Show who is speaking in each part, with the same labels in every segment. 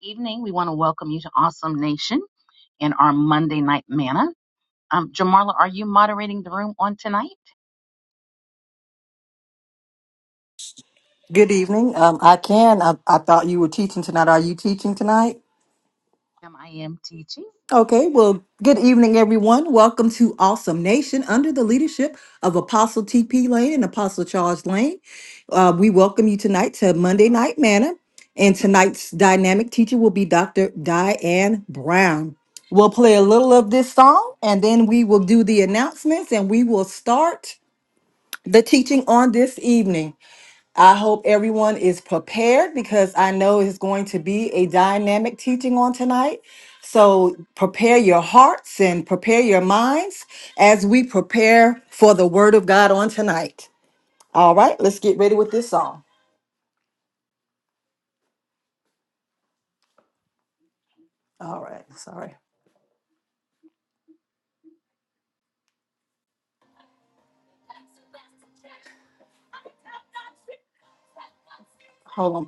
Speaker 1: evening. We want to welcome you to Awesome Nation in our Monday night manna. Um, Jamarla, are you moderating the room on tonight?
Speaker 2: Good evening. Um, I can. I, I thought you were teaching tonight. Are you teaching tonight?
Speaker 1: Um, I am teaching.
Speaker 2: Okay. Well, good evening, everyone. Welcome to Awesome Nation under the leadership of Apostle T.P. Lane and Apostle Charles Lane. Uh, we welcome you tonight to Monday Night Manna. And tonight's dynamic teacher will be Dr. Diane Brown. We'll play a little of this song and then we will do the announcements and we will start the teaching on this evening. I hope everyone is prepared because I know it's going to be a dynamic teaching on tonight. So prepare your hearts and prepare your minds as we prepare for the word of God on tonight. All right, let's get ready with this song. Hold on.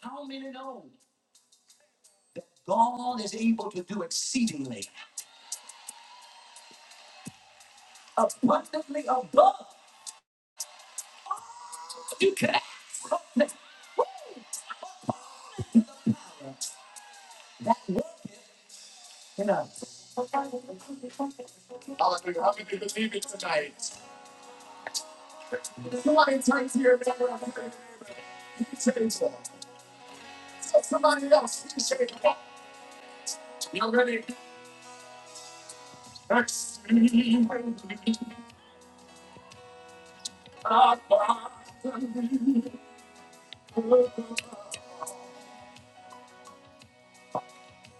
Speaker 2: How many know that God is able to do exceedingly abundantly above you can ask? That work in us. Hallelujah. How many believe it tonight? Somebody turns me around. He takes me. Somebody loves me. I'm ready to see. I finally found you.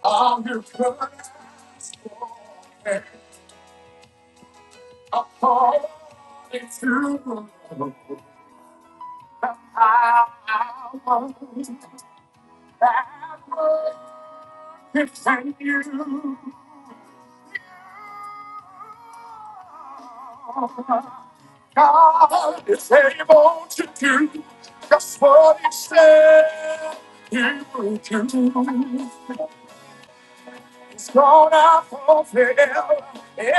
Speaker 2: I'm here for you. I want it to last forever. It's you. I want that one. It's you. God is able to do just what He said He would do. He's gonna fulfill every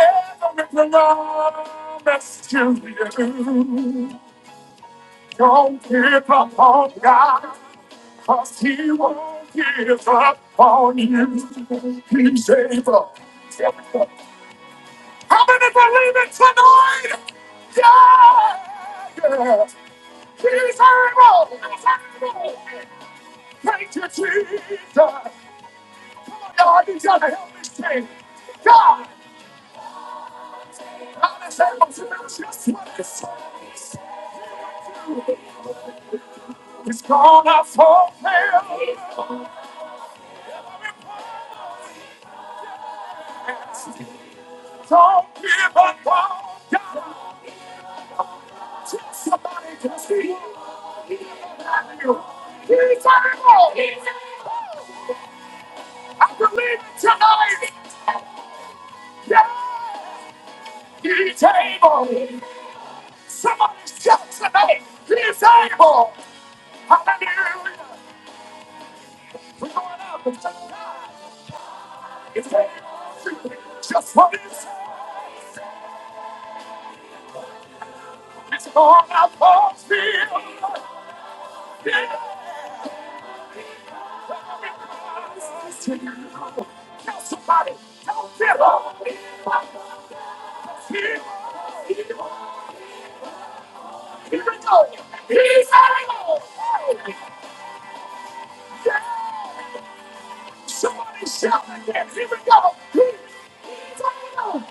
Speaker 2: promise to you. Don't give up on God, cause He won't give up on you. He's able. How many believe it tonight? Yeah, yeah. He's able. He's able. Thank you, Jesus. Come on, y'all. I to help me sing. God, i is just able to lose your sweat. He's gonna fulfill every promise. Don't give up on God. Somebody can see. He's you. He's able. I believe it tonight. Yeah. He's able. Somebody shout tonight. He's able. Hallelujah. We're going up and tell He's able. Just what he said. It's going up on field. Yeah. Tell somebody, tell people, here we go. He's alive. Somebody shout again. Here we go. He's alive.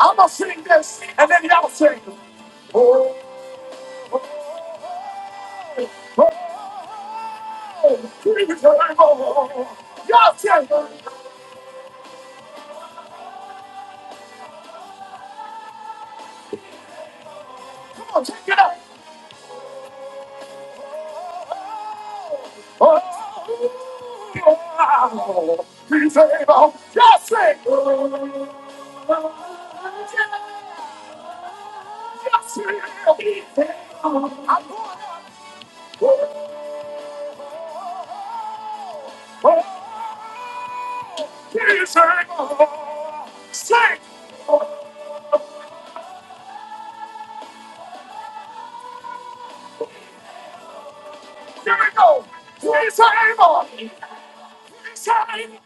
Speaker 2: I'm gonna sing this, and then y'all sing. Oh, oh, oh, oh, oh. Here we go. Y'all sing. Come on, take it up. Oh, he's able. Just sing. Just sing. I'm going up. Oh, he's able. Sing. Here we go. He's able. He's able.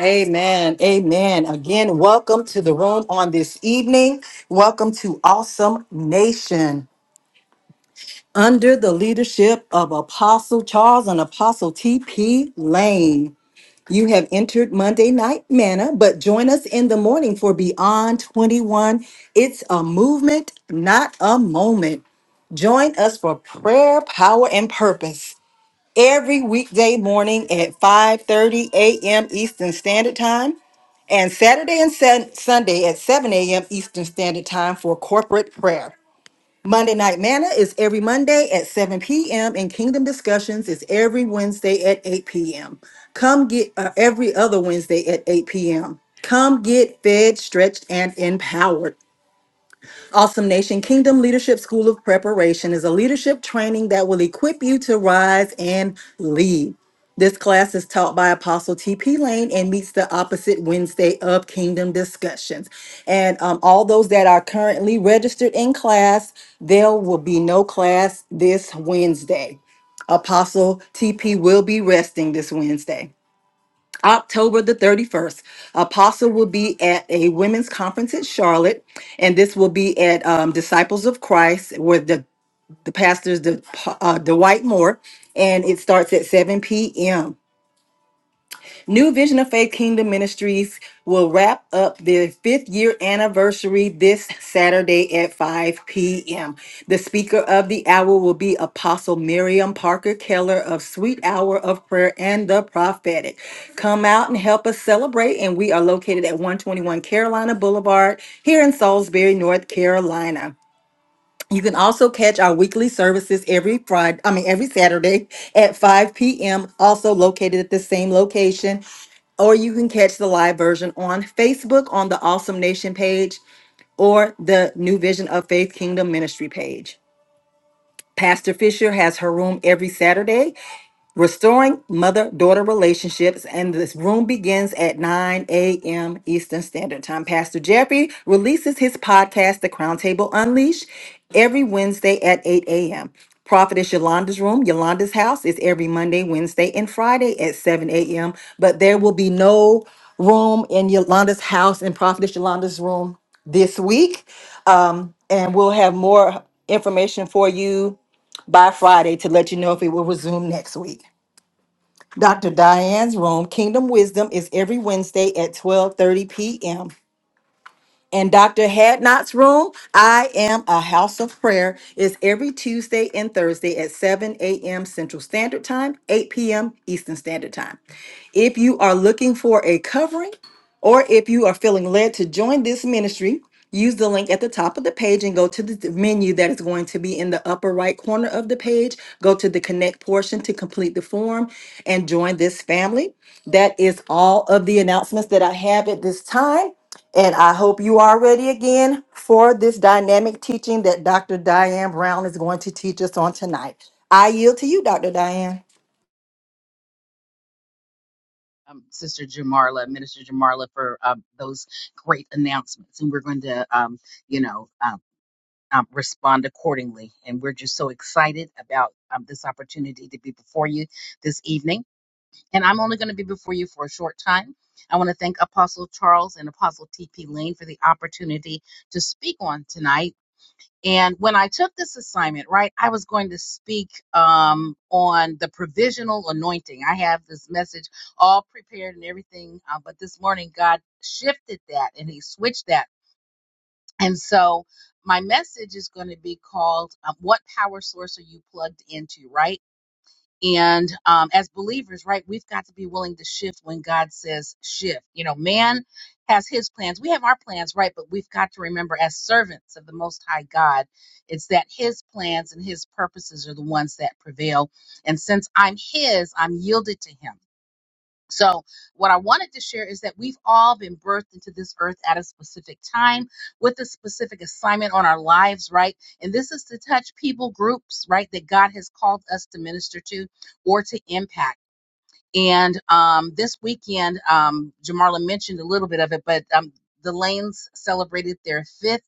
Speaker 2: Amen. Amen. Again, welcome to the room on this evening. Welcome to Awesome Nation under the leadership of Apostle Charles and Apostle T.P. Lane. You have entered Monday Night Manna, but join us in the morning for Beyond 21. It's a movement, not a moment. Join us for prayer, power, and purpose every weekday morning at 5:30 a.m. Eastern Standard Time and Saturday and Sun- Sunday at 7 a.m. Eastern Standard Time for corporate prayer. Monday Night Manna is every Monday at 7 p.m. and Kingdom Discussions is every Wednesday at 8 p.m. Come get uh, every other Wednesday at 8 p.m. Come get fed, stretched, and empowered. Awesome Nation Kingdom Leadership School of Preparation is a leadership training that will equip you to rise and lead. This class is taught by Apostle T.P. Lane and meets the opposite Wednesday of Kingdom Discussions. And um, all those that are currently registered in class, there will be no class this Wednesday. Apostle TP will be resting this Wednesday. October the 31st, Apostle will be at a women's conference in Charlotte, and this will be at um, Disciples of Christ, where the, the pastor's the, uh, Dwight Moore, and it starts at 7 p.m. New Vision of Faith Kingdom Ministries will wrap up their fifth year anniversary this Saturday at 5 p.m. The speaker of the hour will be Apostle Miriam Parker Keller of Sweet Hour of Prayer and the Prophetic. Come out and help us celebrate. And we are located at 121 Carolina Boulevard here in Salisbury, North Carolina. You can also catch our weekly services every Friday, I mean, every Saturday at 5 p.m., also located at the same location. Or you can catch the live version on Facebook on the Awesome Nation page or the New Vision of Faith Kingdom Ministry page. Pastor Fisher has her room every Saturday, restoring mother daughter relationships. And this room begins at 9 a.m. Eastern Standard Time. Pastor Jeffrey releases his podcast, The Crown Table Unleashed, every Wednesday at 8 a.m. Prophetess Yolanda's room, Yolanda's house, is every Monday, Wednesday, and Friday at 7 a.m. But there will be no room in Yolanda's house and Prophetess Yolanda's room this week. Um, and we'll have more information for you by Friday to let you know if it will resume next week. Dr. Diane's room, Kingdom Wisdom, is every Wednesday at 12:30 p.m in Dr. Hadnot's room. I am a house of prayer. Is every Tuesday and Thursday at 7 a.m. Central Standard Time, 8 p.m. Eastern Standard Time. If you are looking for a covering, or if you are feeling led to join this ministry, use the link at the top of the page and go to the menu that is going to be in the upper right corner of the page. Go to the connect portion to complete the form and join this family. That is all of the announcements that I have at this time. And I hope you are ready again for this dynamic teaching that Dr. Diane Brown is going to teach us on tonight. I yield to you, Dr. Diane.
Speaker 1: Um, Sister Jamarla, Minister Jamarla, for um, those great announcements, and we're going to, um, you know, um, um, respond accordingly. And we're just so excited about um, this opportunity to be before you this evening. And I'm only going to be before you for a short time. I want to thank Apostle Charles and Apostle T.P. Lane for the opportunity to speak on tonight And when I took this assignment, right, I was going to speak um, on the provisional anointing. I have this message all prepared and everything, uh, but this morning God shifted that and He switched that. And so my message is going to be called uh, What Power Source Are You Plugged Into, right? And um, as believers, right, we've got to be willing to shift when God says shift. You know, man has his plans. We have our plans, right? But we've got to remember, as servants of the Most High God, it's that his plans and his purposes are the ones that prevail. And since I'm his, I'm yielded to him. So, what I wanted to share is that we've all been birthed into this earth at a specific time with a specific assignment on our lives, right? And this is to touch people groups, right, that God has called us to minister to or to impact. And um, this weekend, um, Jamarla mentioned a little bit of it, but um, the Lanes celebrated their fifth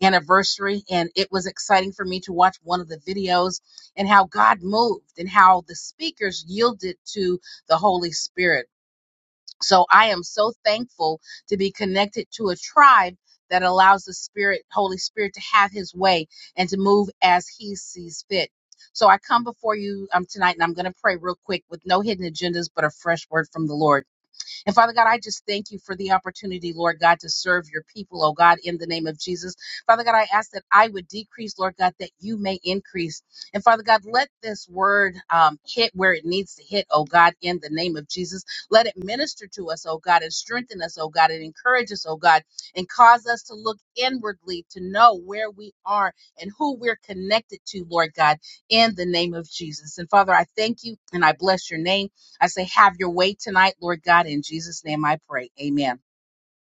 Speaker 1: anniversary, and it was exciting for me to watch one of the videos and how God moved and how the speakers yielded to the Holy Spirit so I am so thankful to be connected to a tribe that allows the Spirit, Holy Spirit, to have His way and to move as He sees fit. So I come before you um, tonight, and I'm going to pray real quick with no hidden agendas, but a fresh word from the Lord. And Father God, I just thank you for the opportunity, Lord God, to serve your people, oh God, in the name of Jesus. Father God, I ask that I would decrease, Lord God, that you may increase. And Father God, let this word um, hit where it needs to hit, oh God, in the name of Jesus. Let it minister to us, oh God, and strengthen us, oh God, and encourage us, oh God, and cause us to look inwardly to know where we are and who we're connected to, Lord God, in the name of Jesus. And Father, I thank you and I bless your name. I say, have your way tonight, Lord God. In Jesus' name I pray. Amen.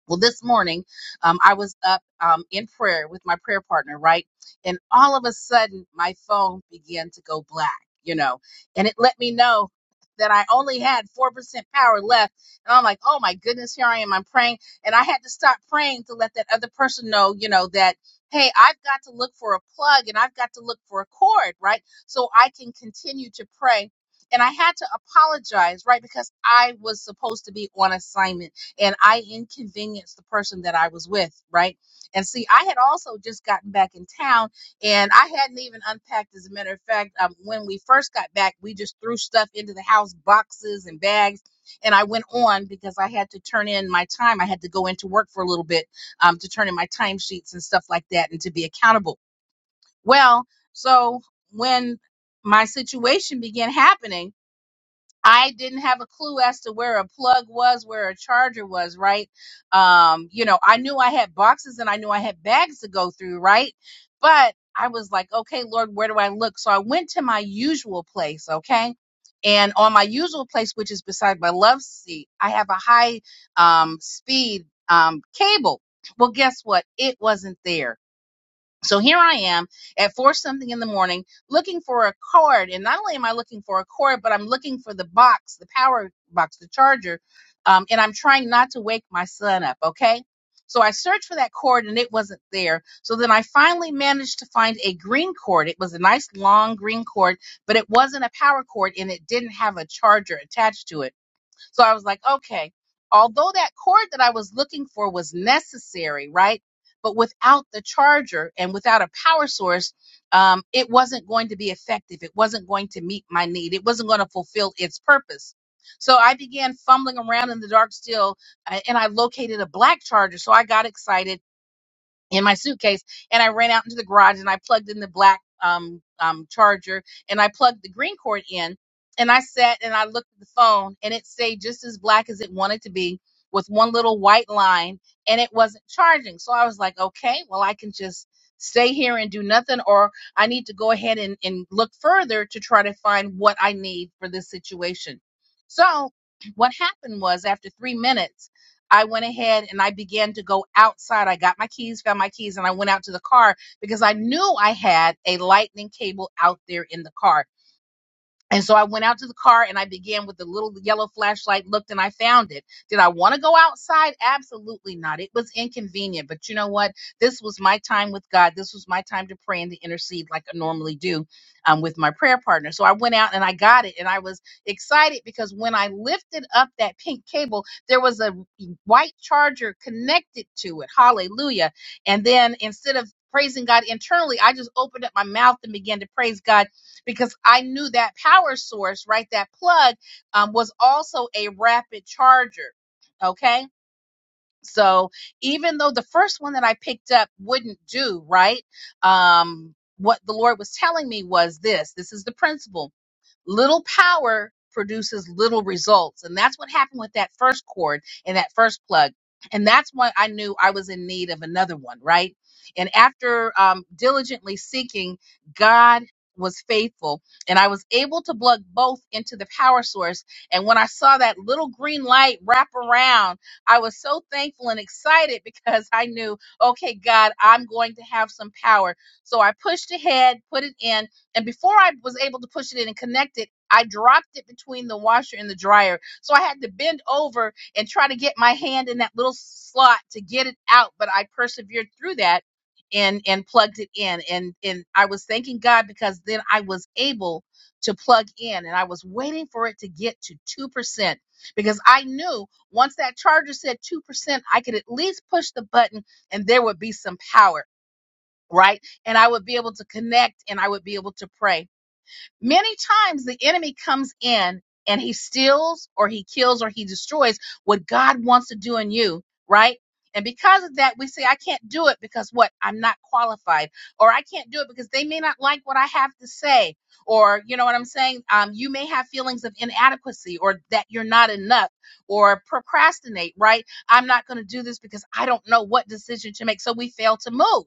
Speaker 1: Well, this morning, um, I was up um, in prayer with my prayer partner, right? And all of a sudden, my phone began to go black, you know, and it let me know that I only had 4% power left. And I'm like, oh my goodness, here I am. I'm praying. And I had to stop praying to let that other person know, you know, that, hey, I've got to look for a plug and I've got to look for a cord, right? So I can continue to pray. And I had to apologize, right? Because I was supposed to be on assignment and I inconvenienced the person that I was with, right? And see, I had also just gotten back in town and I hadn't even unpacked. As a matter of fact, um, when we first got back, we just threw stuff into the house, boxes and bags. And I went on because I had to turn in my time. I had to go into work for a little bit um, to turn in my timesheets and stuff like that and to be accountable. Well, so when my situation began happening, I didn't have a clue as to where a plug was, where a charger was, right? Um, you know, I knew I had boxes and I knew I had bags to go through, right? But I was like, okay, Lord, where do I look? So I went to my usual place, okay? And on my usual place, which is beside my love seat, I have a high um, speed um, cable. Well, guess what? It wasn't there so here I am at four something in the morning looking for a cord. And not only am I looking for a cord, but I'm looking for the box, the power box, the charger. Um, and I'm trying not to wake my son up, okay? So I searched for that cord and it wasn't there. So then I finally managed to find a green cord. It was a nice long green cord, but it wasn't a power cord and it didn't have a charger attached to it. So I was like, okay, although that cord that I was looking for was necessary, right? But without the charger and without a power source, um, it wasn't going to be effective. It wasn't going to meet my need. It wasn't going to fulfill its purpose. So I began fumbling around in the dark still, uh, and I located a black charger. So I got excited in my suitcase and I ran out into the garage and I plugged in the black um, um, charger and I plugged the green cord in and I sat and I looked at the phone and it stayed just as black as it wanted to be with one little white line and it wasn't charging. So I was like, okay, well, I can just stay here and do nothing or I need to go ahead and, and look further to try to find what I need for this situation. So what happened was after three minutes, I went ahead and I began to go outside. I got my keys, found my keys, and I went out to the car because I knew I had a lightning cable out there in the car. And so I went out to the car and I began with the little yellow flashlight, looked and I found it. Did I want to go outside? Absolutely not. It was inconvenient. But you know what? This was my time with God. This was my time to pray and to intercede like I normally do um, with my prayer partner. So I went out and I got it and I was excited because when I lifted up that pink cable, there was a white charger connected to it. Hallelujah. And then instead of praising God internally, I just opened up my mouth and began to praise God because I knew that power source, right? That plug um, was also a rapid charger. Okay. So even though the first one that I picked up wouldn't do, right? Um, what the Lord was telling me was this this is the principle Little power produces little results. And that's what happened with that first cord and that first plug. And that's when I knew I was in need of another one, right? And after um, diligently seeking, God was faithful. And I was able to plug both into the power source. And when I saw that little green light wrap around, I was so thankful and excited because I knew, okay, God, I'm going to have some power. So I pushed ahead, put it in, and before I was able to push it in and connect it, I dropped it between the washer and the dryer. So I had to bend over and try to get my hand in that little slot to get it out, but I persevered through that and and plugged it in and and I was thanking God because then I was able to plug in and I was waiting for it to get to 2% because I knew once that charger said 2%, I could at least push the button and there would be some power, right? And I would be able to connect and I would be able to pray. Many times the enemy comes in and he steals or he kills or he destroys what God wants to do in you, right? And because of that, we say, I can't do it because what? I'm not qualified. Or I can't do it because they may not like what I have to say. Or, you know what I'm saying? Um, you may have feelings of inadequacy or that you're not enough or procrastinate, right? I'm not going to do this because I don't know what decision to make. So we fail to move.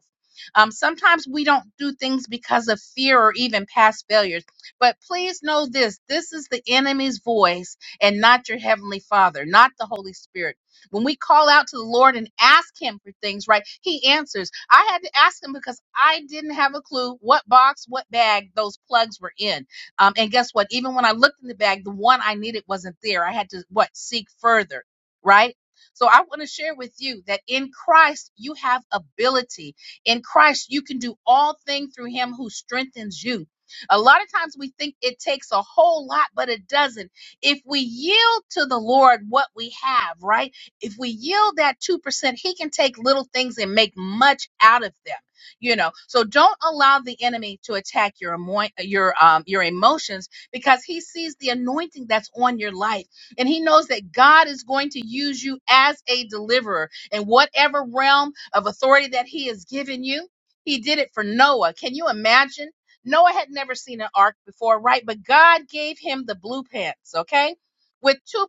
Speaker 1: Um, sometimes we don't do things because of fear or even past failures but please know this this is the enemy's voice and not your heavenly father, not the Holy Spirit. When we call out to the Lord and ask Him for things, right, He answers. I had to ask Him because I didn't have a clue what box, what bag those plugs were in. Um, and guess what? Even when I looked in the bag, the one I needed wasn't there. I had to, what, seek further, right? So I want to share with you that in Christ, you have ability. In Christ, you can do all things through Him who strengthens you. A lot of times we think it takes a whole lot, but it doesn't. If we yield to the Lord what we have, right? If we yield that 2%, He can take little things and make much out of them. You know, so don't allow the enemy to attack your emo- your um your emotions because he sees the anointing that's on your life and he knows that God is going to use you as a deliverer in whatever realm of authority that he has given you. He did it for Noah. Can you imagine? Noah had never seen an ark before, right? But God gave him the blueprints, okay? With 2%,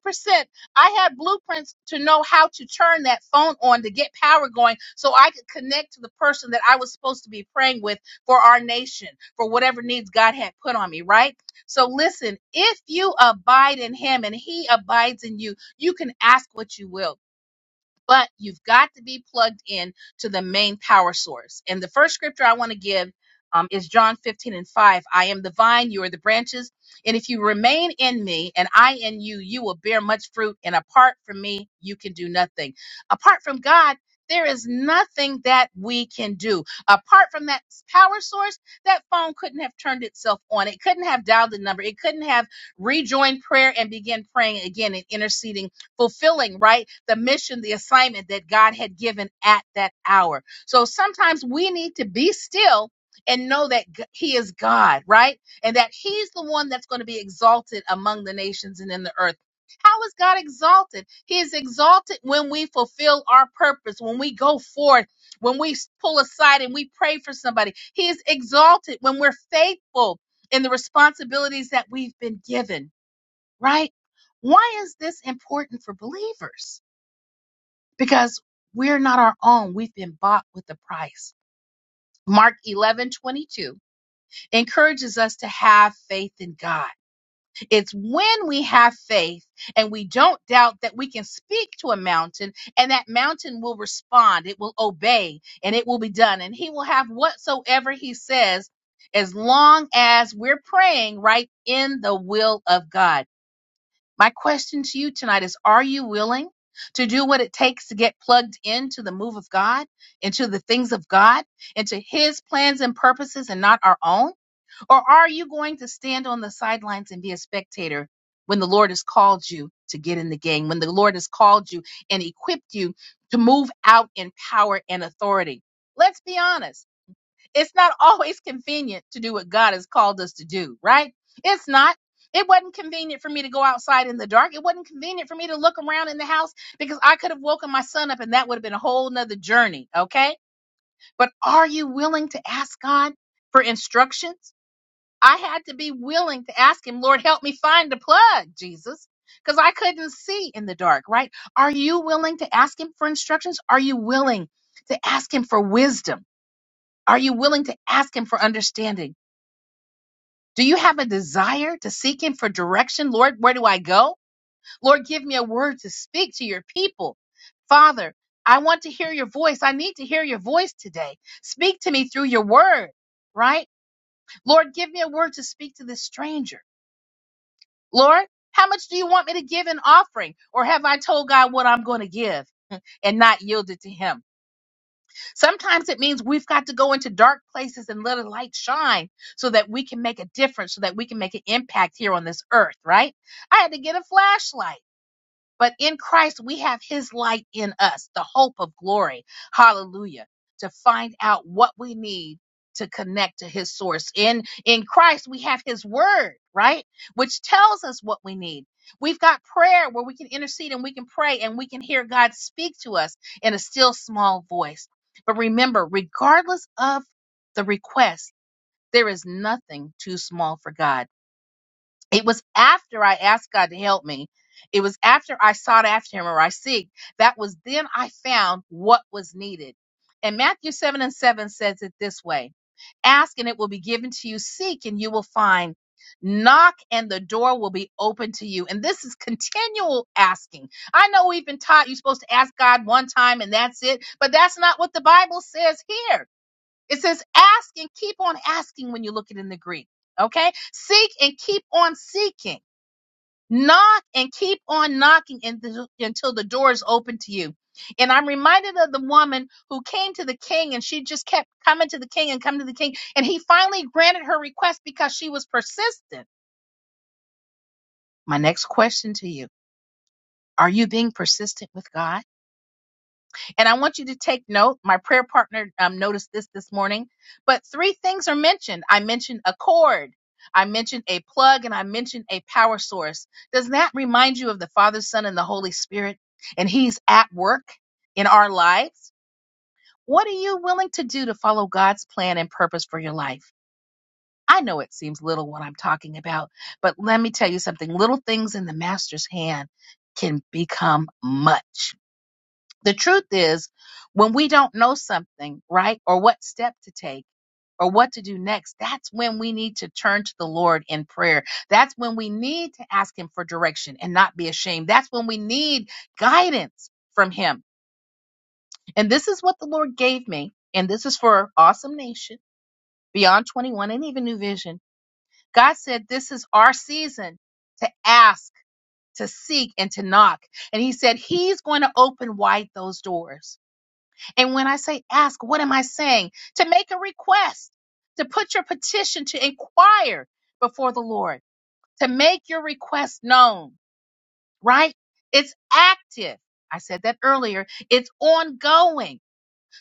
Speaker 1: I had blueprints to know how to turn that phone on to get power going so I could connect to the person that I was supposed to be praying with for our nation, for whatever needs God had put on me, right? So listen, if you abide in him and he abides in you, you can ask what you will but you've got to be plugged in to the main power source. And the first scripture I want to give um, is John 15 and 5. I am the vine, you are the branches. And if you remain in me and I in you, you will bear much fruit. And apart from me, you can do nothing. Apart from God, there is nothing that we can do. Apart from that power source, that phone couldn't have turned itself on. It couldn't have dialed the number. It couldn't have rejoined prayer and began praying again and interceding fulfilling, right, the mission, the assignment that God had given at that hour. So sometimes we need to be still and know that G- He is God, right? And that He's the one that's going to be exalted among the nations and in the earth. How is God exalted? He is exalted when we fulfill our purpose, when we go forth, when we s- pull aside and we pray for somebody. He is exalted when we're faithful in the responsibilities that we've been given right? Why is this important for believers? Because we're not our own. We've been bought with a price. Mark 11, 22 encourages us to have faith in God. It's when we have faith and we don't doubt that we can speak to a mountain and that mountain will respond, it will obey, and it will be done. And He will have whatsoever He says as long as we're praying right in the will of God. My question to you tonight is Are you willing to do what it takes to get plugged into the move of God, into the things of God, into His plans and purposes and not our own? Or are you going to stand on the sidelines and be a spectator when the Lord has called you to get in the game, when the Lord has called you and equipped you to move out in power and authority? Let's be honest. It's not always convenient to do what God has called us to do, right? It's not. It wasn't convenient for me to go outside in the dark. It wasn't convenient for me to look around in the house because I could have woken my son up and that would have been a whole nother journey, okay? But are you willing to ask God for instructions? I had to be willing to ask him, Lord, help me find the plug, Jesus, because I couldn't see in the dark, right? Are you willing to ask him for instructions? Are you willing to ask him for wisdom? Are you willing to ask Him for understanding? Do you have a desire to seek Him for direction? Lord, where do I go? Lord, give me a word to speak to your people. Father, I want to hear your voice. I need to hear your voice today. Speak to me through your word, right? Lord, give me a word to speak to this stranger. Lord, how much do you want me to give in offering? Or have I told God what I'm going to give and not yielded to Him? Sometimes it means we've got to go into dark places and let a light shine so that we can make a difference, so that we can make an impact here on this earth, right? I had to get a flashlight. But in Christ, we have his light in us, the hope of glory. Hallelujah. To find out what we need to connect to his source. In in Christ, we have his word, right? Which tells us what we need. We've got prayer where we can intercede and we can pray and we can hear God speak to us in a still small voice. But remember, regardless of the request, there is nothing too small for God it was after I asked God to help me. It was after I sought after him or I seek. That was then I found what was needed. And Matthew 7 and 7 says it this way Ask and it will be given to you, seek and you will find. Knock and the door will be open to you. And this is continual asking. I know we've been taught you're supposed to ask God one time and that's it, but that's not what the Bible says here. It says ask and keep on asking when you look at it in the Greek. Okay? Seek and keep on seeking Knock and keep on knocking until until the door is open to you. And I'm reminded of the woman who came to the king and she just kept coming to the king and coming to the king. And he finally granted her request because she was persistent. My next question to you are you being persistent with God? And I want you to take note. My prayer partner um, noticed this this morning. But three things are mentioned. I mentioned a cord, I mentioned a plug, and I mentioned a power source. Does that remind you of the Father, Son, and the Holy Spirit? And He's at work in our lives? What are you willing to do to follow God's plan and purpose for your life? I know it seems little what I'm talking about, but let me tell you something little things in the Master's hand can become much. The truth is, when we don't know something, right, or what step to take, or what to do next, that's when we need to turn to the Lord in prayer. That's when we need to ask Him for direction and not be ashamed. That's when we need guidance from Him. And this is what the Lord gave me. And this is for Awesome Nation, Beyond 21, and even New Vision. God said, This is our season to ask, to seek, and to knock. And He said, He's going to open wide those doors. And when I say ask, what am I saying? To make a request, to put your petition, to inquire before the Lord, to make your request known, right? It's active. I said that earlier. It's ongoing.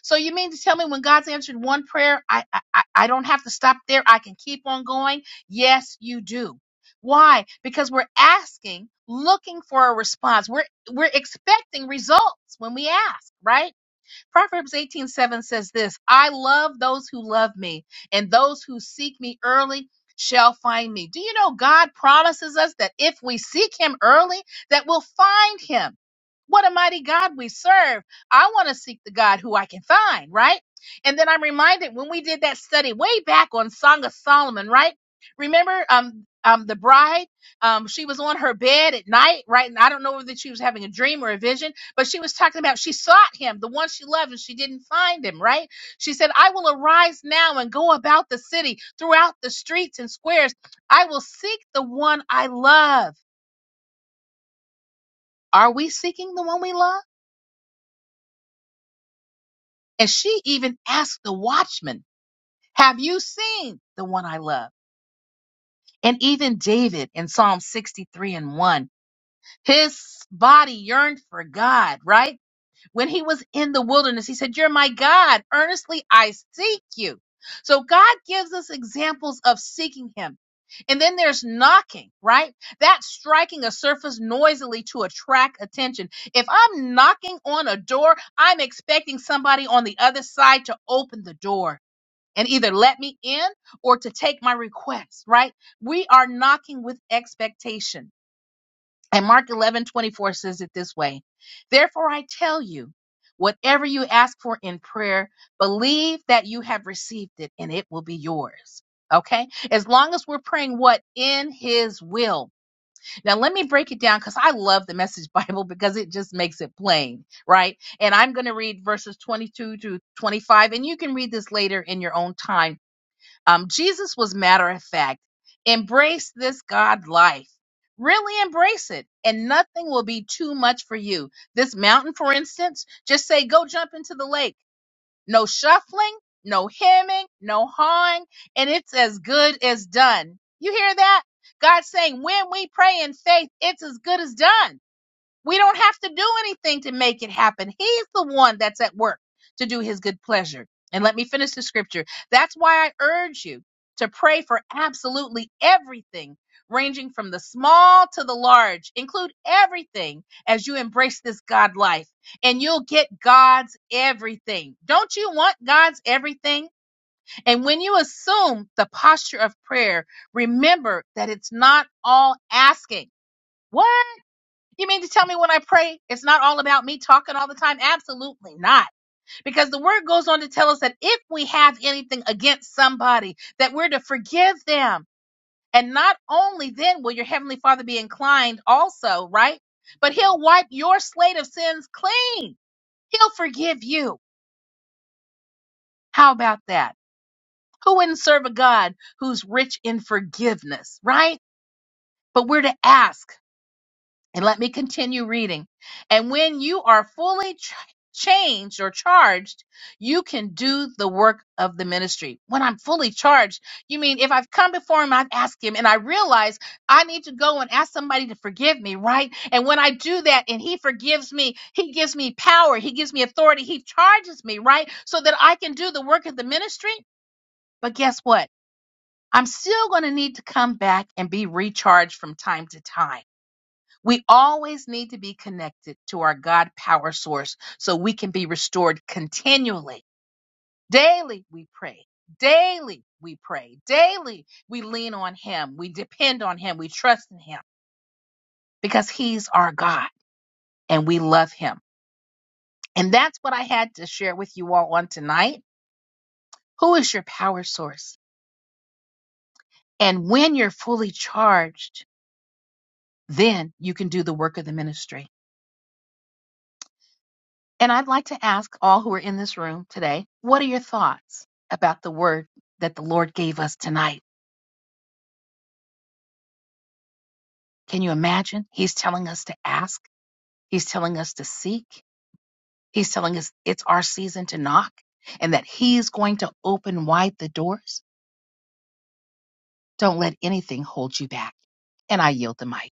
Speaker 1: So you mean to tell me when God's answered one prayer, I, I, I I don't have to stop there. I can keep on going. Yes, you do. Why? Because we're asking, looking for a response. We're, we're expecting results when we ask, right? Proverbs 18 7 says this I love those who love me, and those who seek me early shall find me. Do you know God promises us that if we seek him early, that we'll find him? What a mighty God we serve. I want to seek the God who I can find, right? And then I'm reminded when we did that study way back on Song of Solomon, right? Remember um um the bride um she was on her bed at night, right? And I don't know whether she was having a dream or a vision but she was talking about she sought him, the one she loved, and she didn't find him, right? She said, I will arise now and go about the city, throughout the streets and squares. I will seek the one I love. Are we seeking the one we love? And she even asked the watchman, Have you seen the one I love? And even David in Psalm 63 and 1, his body yearned for God, right? When he was in the wilderness, he said, You're my God. Earnestly I seek you. So God gives us examples of seeking him. And then there's knocking, right? That's striking a surface noisily to attract attention. If I'm knocking on a door, I'm expecting somebody on the other side to open the door and either let me in or to take my request, right? We are knocking with expectation. And Mark eleven twenty four says it this way Therefore, I tell you, whatever you ask for in prayer, believe that you have received it and it will be yours. Okay? As long as we're praying what? In His will. Now, let me break it down because I love the Message Bible because it just makes it plain, right? And I'm going to read verses 22 to 25, and you can read this later in your own time um, Jesus was matter of fact. Embrace this God life. Really embrace it, and nothing will be too much for you. This mountain, for instance, just say, go jump into the lake. No shuffling, no hemming, no hawing, and it's as good as done. You hear that? God saying, when we pray in faith, it's as good as done. We don't have to do anything to make it happen. He's the one that's at work to do his good pleasure. And let me finish the scripture. That's why I urge you to pray for absolutely everything, ranging from the small to the large. Include everything as you embrace this God life, and you'll get God's everything. Don't you want God's everything? And when you assume the posture of prayer, remember that it's not all asking. What? You mean to tell me when I pray, it's not all about me talking all the time? Absolutely not. Because the word goes on to tell us that if we have anything against somebody, that we're to forgive them. And not only then will your heavenly father be inclined also, right? But he'll wipe your slate of sins clean. He'll forgive you. How about that? Who wouldn't serve a God who's rich in forgiveness, right? But we're to ask. And let me continue reading. And when you are fully ch- changed or charged, you can do the work of the ministry. When I'm fully charged, you mean if I've come before him, I've asked him, and I realize I need to go and ask somebody to forgive me, right? And when I do that and he forgives me, he gives me power, he gives me authority, he charges me, right? So that I can do the work of the ministry. But guess what? I'm still going to need to come back and be recharged from time to time we always need to be connected to our God power source so we can be restored continually. Daily we pray. Daily we pray. Daily we lean on Him. We depend on Him. We trust in Him because He's our God and we love Him. And that's what I had to share with you all on tonight. Who is your power source? And when you're fully charged, then you can do the work of the ministry. And I'd like to ask all who are in this room today, what are your thoughts about the word that the Lord gave us tonight? Can you imagine? He's telling us to ask, He's telling us to seek, He's telling us it's our season to knock, and that He's going to open wide the doors. Don't let anything hold you back. And I yield the mic.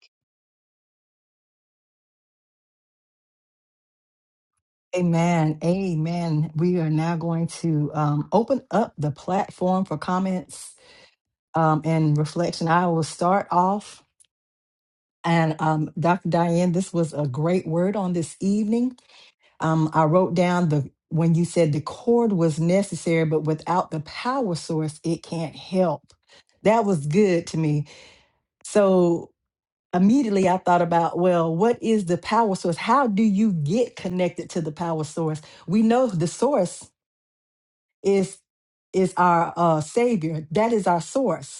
Speaker 2: Amen. Amen. We are now going to um, open up the platform for comments um, and reflection. I will start off. And um, Dr. Diane, this was a great word on this evening. Um, I wrote down the when you said the cord was necessary, but without the power source, it can't help. That was good to me So immediately I thought about, well, what is the power source? How do you get connected to the power source? We know the source is is our uh, savior. That is our source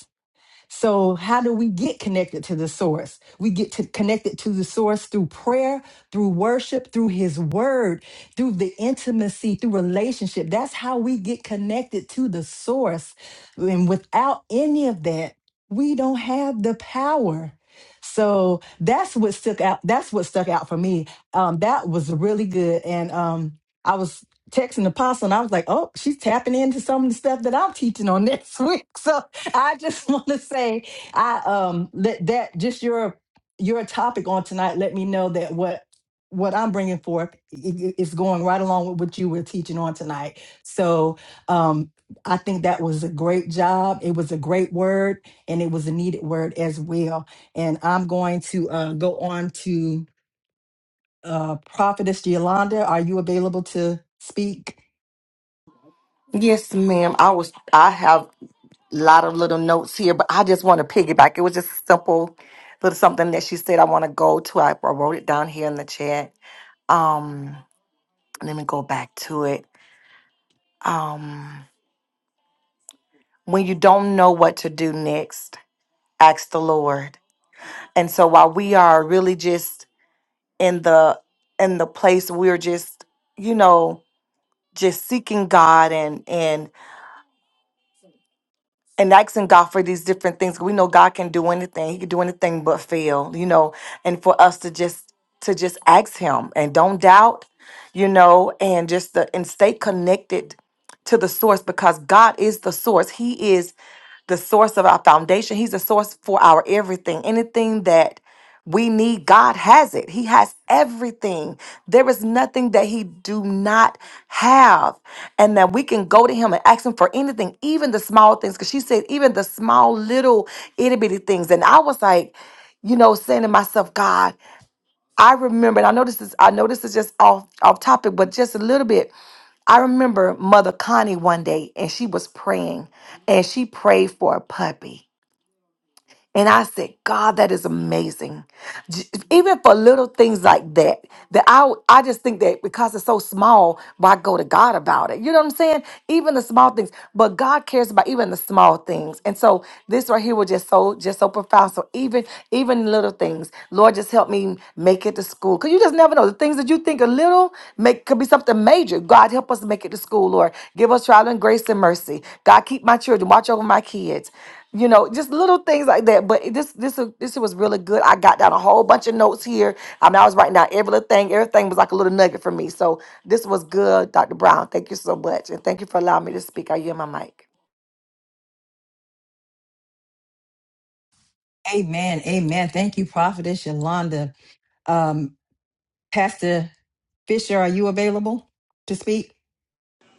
Speaker 2: so, how do we get connected to the source? We get to connected to the source through prayer, through worship, through his word, through the intimacy, through relationship. That's how we get connected to the source. And without any of that, we don't have the power. So that's what stuck out. That's what stuck out for me. Um, that was really good. And um, I was texting the apostle and I was like, oh, she's tapping into some of the stuff that I'm teaching on next week. So. I just want to say, I um that that just your your topic on tonight let me know that what what I'm bringing forth i- i- is going right along with what you were teaching on tonight. So um I think that was a great job. It was a great word, and it was a needed word as well. And I'm going to uh, go on to uh, Prophetess Yolanda. Are you available to speak?
Speaker 3: Yes, ma'am. I was I have a lot of little notes here, but I just want to piggyback. It was just simple little something that she said I want to go to. I, I wrote it down here in the chat. Um let me go back to it. Um when you don't know what to do next, ask the Lord. And so while we are really just in the in the place we're just, you know, just seeking God and and asking God for these different things. We know God can do anything. He can do anything but fail, you know. And for us to just to just ask him and don't doubt, you know, and just the, and stay connected to the source because God is the source. He is the source of our foundation. He's the source for our everything. Anything that we need god has it he has everything there is nothing that he do not have and that we can go to him and ask him for anything even the small things because she said even the small little itty-bitty things and i was like you know saying to myself god i remember and i know this is i know this is just off off topic but just a little bit I remember Mother Connie one day and she was praying and she prayed for a puppy. And I said, God, that is amazing. J- Even for little things like that, that I I just think that because it's so small, why go to God about it? You know what I'm saying? Even the small things, but God cares about even the small things. And so this right here was just so just so profound. So even even little things, Lord, just help me make it to school. Cause you just never know the things that you think are little make could be something major. God help us make it to school, Lord. Give us trial and grace and mercy. God keep my children. Watch over my kids you know, just little things like that. But it- this this this was really good. I got down a whole bunch of notes here. I mean, I was writing down every little thing. Everything was like a little nugget for me. So this was good, Dr. Brown. Thank you so much, and thank you for allowing me to speak. Are you in my mic?
Speaker 2: Amen. Amen. Thank you, Prophetess Yolanda. Um, Pastor Fisher, are you available to speak?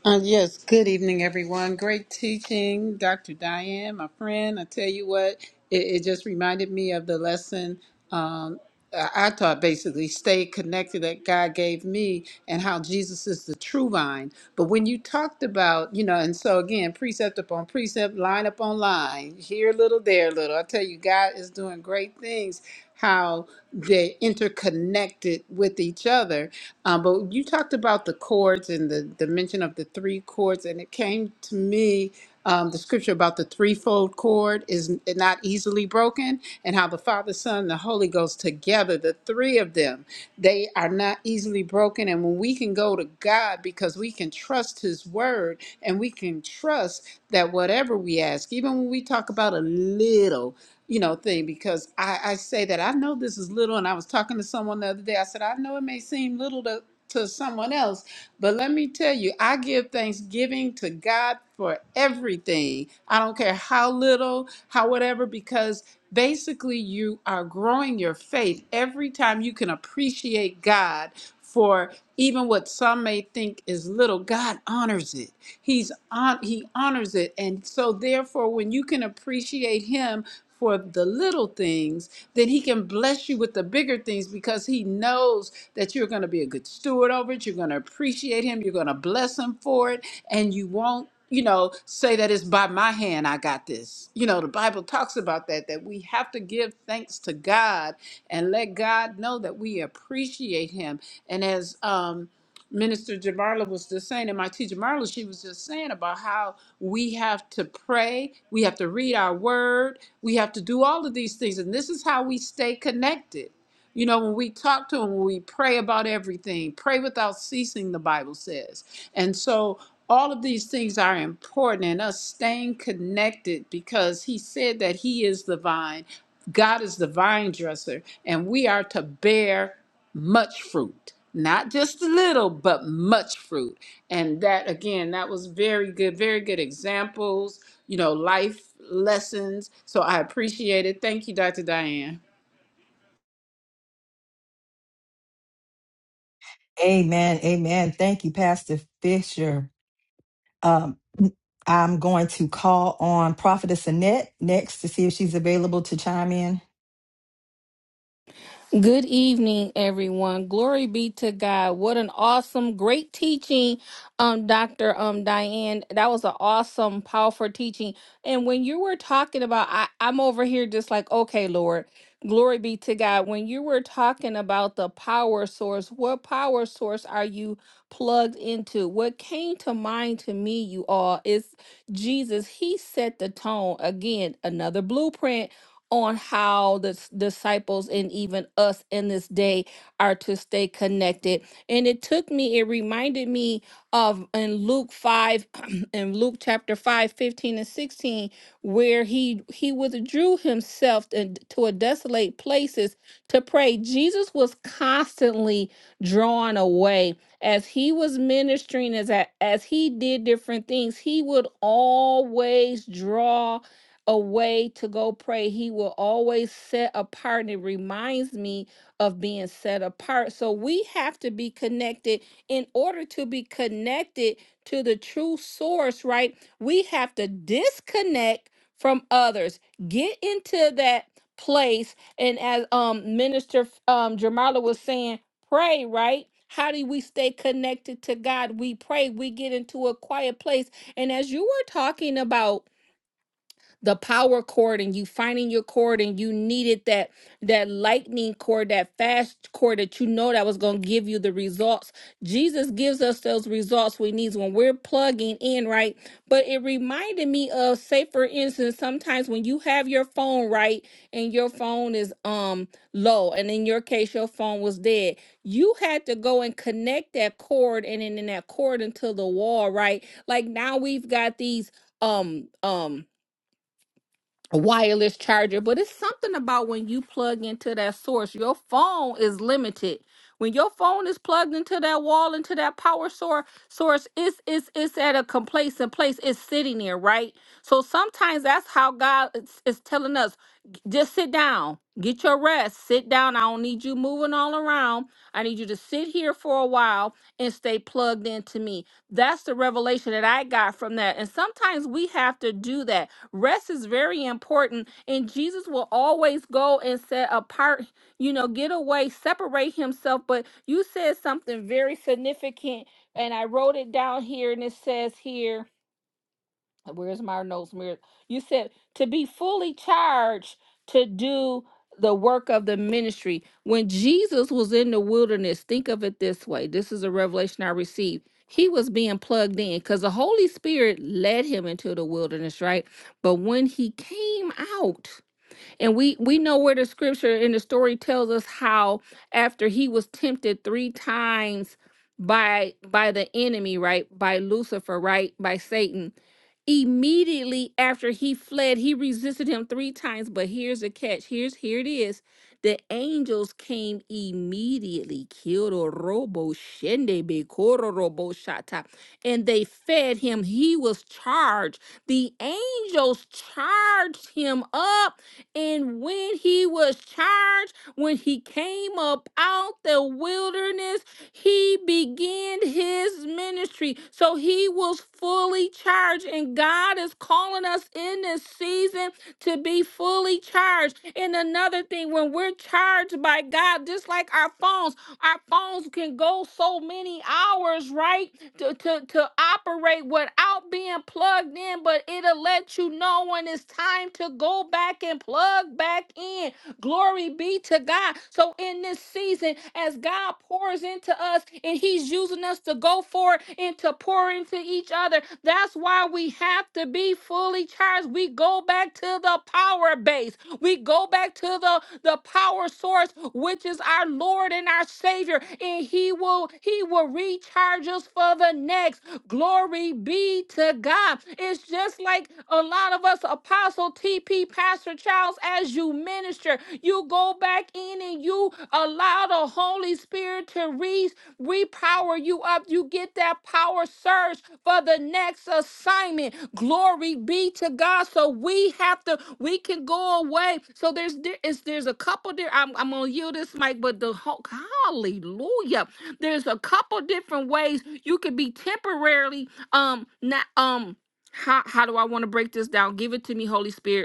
Speaker 4: Uh, yes, good evening, everyone. Great teaching, Dr. Diane, my friend. I tell you what, it, it just reminded me of the lesson um, I I taught basically stay connected that God gave me and how Jesus is the true vine. But when you talked about, you know, and so again, precept upon precept, line upon line, here a little, there a little. I tell you, God is doing great things, how they're interconnected with each other. Um, but you talked about the chords and the dimension of the three chords, and it came to me um, the scripture about the threefold cord is not easily broken, and how the Father, Son, and the Holy Ghost together, the three of them, they are not easily broken. And when we can go to God because we can trust His word and we can trust that whatever we ask, even when we talk about a little, you know, thing because I, I say that I know this is little, and I was talking to someone the other day. I said, I know it may seem little to, to someone else, but let me tell you, I give thanksgiving to God for everything. I don't care how little, how whatever, because Basically, you are growing your faith every time you can appreciate God for even what some may think is little. God honors it. He's on he honors it. And so therefore when you can appreciate him for the little things, then he can bless you with the bigger things because he knows that you're going to be a good steward over it. You're going to appreciate him. You're going to bless him for it. And you won't you know, say that it's by my hand I got this. You know, the Bible talks about that, that we have to give thanks to God and let God know that we appreciate Him. And as um, Minister Jamarla was just saying, and my teacher Marla, she was just saying about how we have to pray, we have to read our word, we have to do all of these things. And this is how we stay connected. You know, when we talk to Him, when we pray about everything, pray without ceasing, the Bible says. And so, all of these things are important and us staying connected because he said that he is the vine god is the vine dresser and we are to bear much fruit not just a little but much fruit and that again that was very good very good examples you know life lessons so i appreciate it thank you dr diane
Speaker 2: Amen. Amen. Thank you, Pastor Fisher. Um, I'm going to call on Prophetess Annette next to see if she's available to chime in.
Speaker 5: Good evening, everyone. Glory be to God. What an awesome, great teaching, um, Dr. Um, Diane. That was an awesome, powerful teaching. And when you were talking about, I, I'm over here just like, okay, Lord, glory be to God. When you were talking about the power source, what power source are you plugged into? What came to mind to me, you all, is Jesus. He set the tone. Again, another blueprint on how the s- disciples and even us in this day are to stay connected. And it took me, it reminded me of in Luke 5, in Luke chapter 5, 15 and 16, where he he withdrew himself and to a desolate places to pray. Jesus was constantly drawn away as he was ministering, as a- as he did different things, he would always draw a way to go pray. He will always set apart. And it reminds me of being set apart. So we have to be connected in order to be connected to the true source, right? We have to disconnect from others, get into that place. And as um Minister um Jamala was saying, pray, right? How do we stay connected to God? We pray, we get into a quiet place. And as you were talking about the power cord and you finding your cord and you needed that that lightning cord, that fast cord that you know that was going to give you the results. Jesus gives us those results we need when we're plugging in, right? But it reminded me of, say, for instance, sometimes when you have your phone right and your phone is um low, and in your case, your phone was dead, you had to go and connect that cord and then in that cord into the wall, right? Like now we've got these um um wireless charger, but it's something about when you plug into that source. Your phone is limited. When your phone is plugged into that wall, into that power source, source, it's it's it's at a complacent place. It's sitting there, right? So sometimes that's how God is, is telling us, just sit down, get your rest, sit down. I don't need you moving all around. I need you to sit here for a while and stay plugged into me. That's the revelation that I got from that. And sometimes we have to do that Rest is very important, and Jesus will always go and set apart, you know, get away, separate himself. But you said something very significant, and I wrote it down here, and it says here where's my notes mirror you said to be fully charged to do the work of the ministry when jesus was in the wilderness think of it this way this is a revelation i received he was being plugged in because the holy spirit led him into the wilderness right but when he came out and we we know where the scripture in the story tells us how after he was tempted 3 times by by the enemy, right? By Lucifer, right? By Satan. Immediately after he fled, he resisted him 3 times, but here's the catch. Here's here it is. The angels came immediately. Kiro robo shende be koro shata. And they fed him. He was charged the angels charged him up and when he was charged, when he came up out the wilderness, he began his ministry. So he was fully charged. And God is calling us in this season to be fully charged. And another thing, when we're charged by God, just like our phones, our phones can go so many hours, right? to, to, to operate without being plugged in, but it'll let you know when it's time to go back and plug back in. Glory be to God. So in this season, as God pours into us and He's using us to go forward and to pour into each other, that's why we have to be fully charged. We go back to the power power base. We go back to the, the power source, which is our Lord and our Savior, and He will He will recharge us for the next. Glory be to God. It's just like a lot of us, Apostle TP, Pastor Charles, as you minister, you go back in and you allow the Holy Spirit to recharge we power you up. You get that power surge for the next assignment. Glory be to God. So we have to, we can go away. So there's there is there's a couple there. I'm, I'm gonna yield this mic, but the whole hallelujah. There's a couple different ways you could be temporarily um not um how how do I want to break this down? Give it to me, Holy Spirit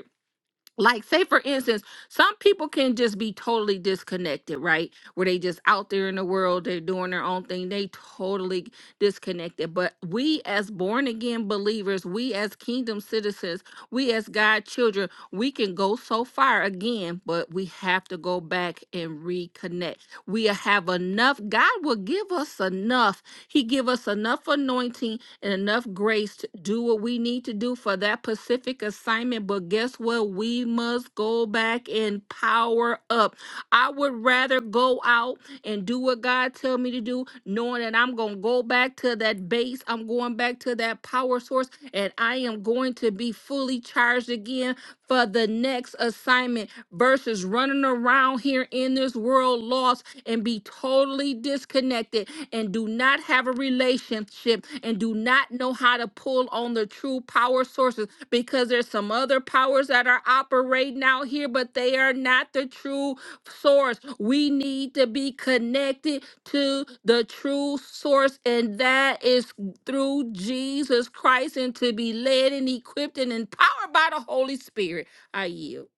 Speaker 5: like say for instance some people can just be totally disconnected right where they just out there in the world they're doing their own thing they totally disconnected but we as born again believers we as kingdom citizens we as god children we can go so far again but we have to go back and reconnect we have enough god will give us enough he give us enough anointing and enough grace to do what we need to do for that Pacific assignment. But guess what? We must go back and power up. I would rather go out and do what God tell me to do, knowing that I'm going to go back to that base. I'm going back to that power source and I am going to be fully charged again for the next assignment versus running around here in this world lost and be totally disconnected and do not have a relationship and do not know how to pull on the true power sources because there's some other powers that are operating out here, but they are not the true source. We need to be connected to the true source, and that is through Jesus Christ and to be led and equipped and empowered by the Holy Spirit. I yield.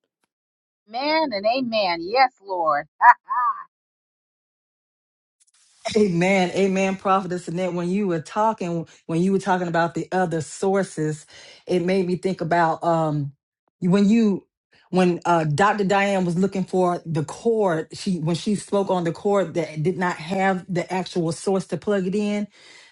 Speaker 1: Amen and amen. Yes, Lord.
Speaker 2: Amen. Amen, Prophetess Annette. When you were talking, when you were talking about the other sources, it made me think about um when you when uh Dr. Diane was looking for the cord, she when she spoke on the cord that did not have the actual source to plug it in.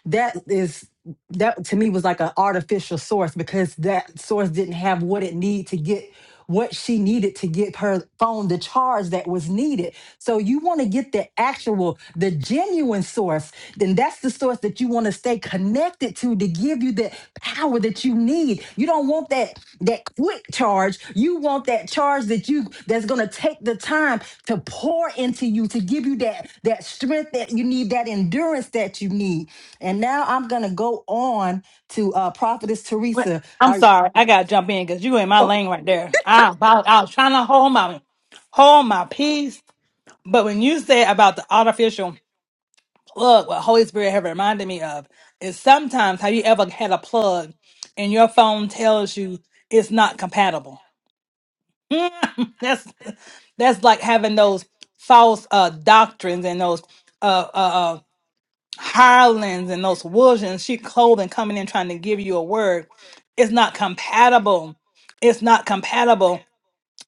Speaker 2: That is that to me was like an artificial source because that source didn't have what it needed to get what she needed to get her phone the charge that was needed so you want to get the actual the genuine source then that's the source that you want to stay connected to to give you that power that you need. You don't want that that quick charge. You want that charge that you that's going to take the time to pour into you to give you that that strength that you need, that endurance that you need. And now I'm going to go on to uh prophetess
Speaker 6: Wait,
Speaker 2: Teresa.
Speaker 6: I'm
Speaker 2: Are
Speaker 6: sorry, I gotta jump in because you in my
Speaker 2: okay.
Speaker 6: lane right there. I about I was trying to hold my hold my peace, but when you said about the artificial plug, what Holy Spirit had reminded me of is sometimes have you ever had a plug and your phone tells you it's not compatible? That's that's like having those false uh doctrines and those uh uh. uh, hirelings and those wolves and sheep clothing coming in trying to give you a word. It's not compatible. It's not compatible.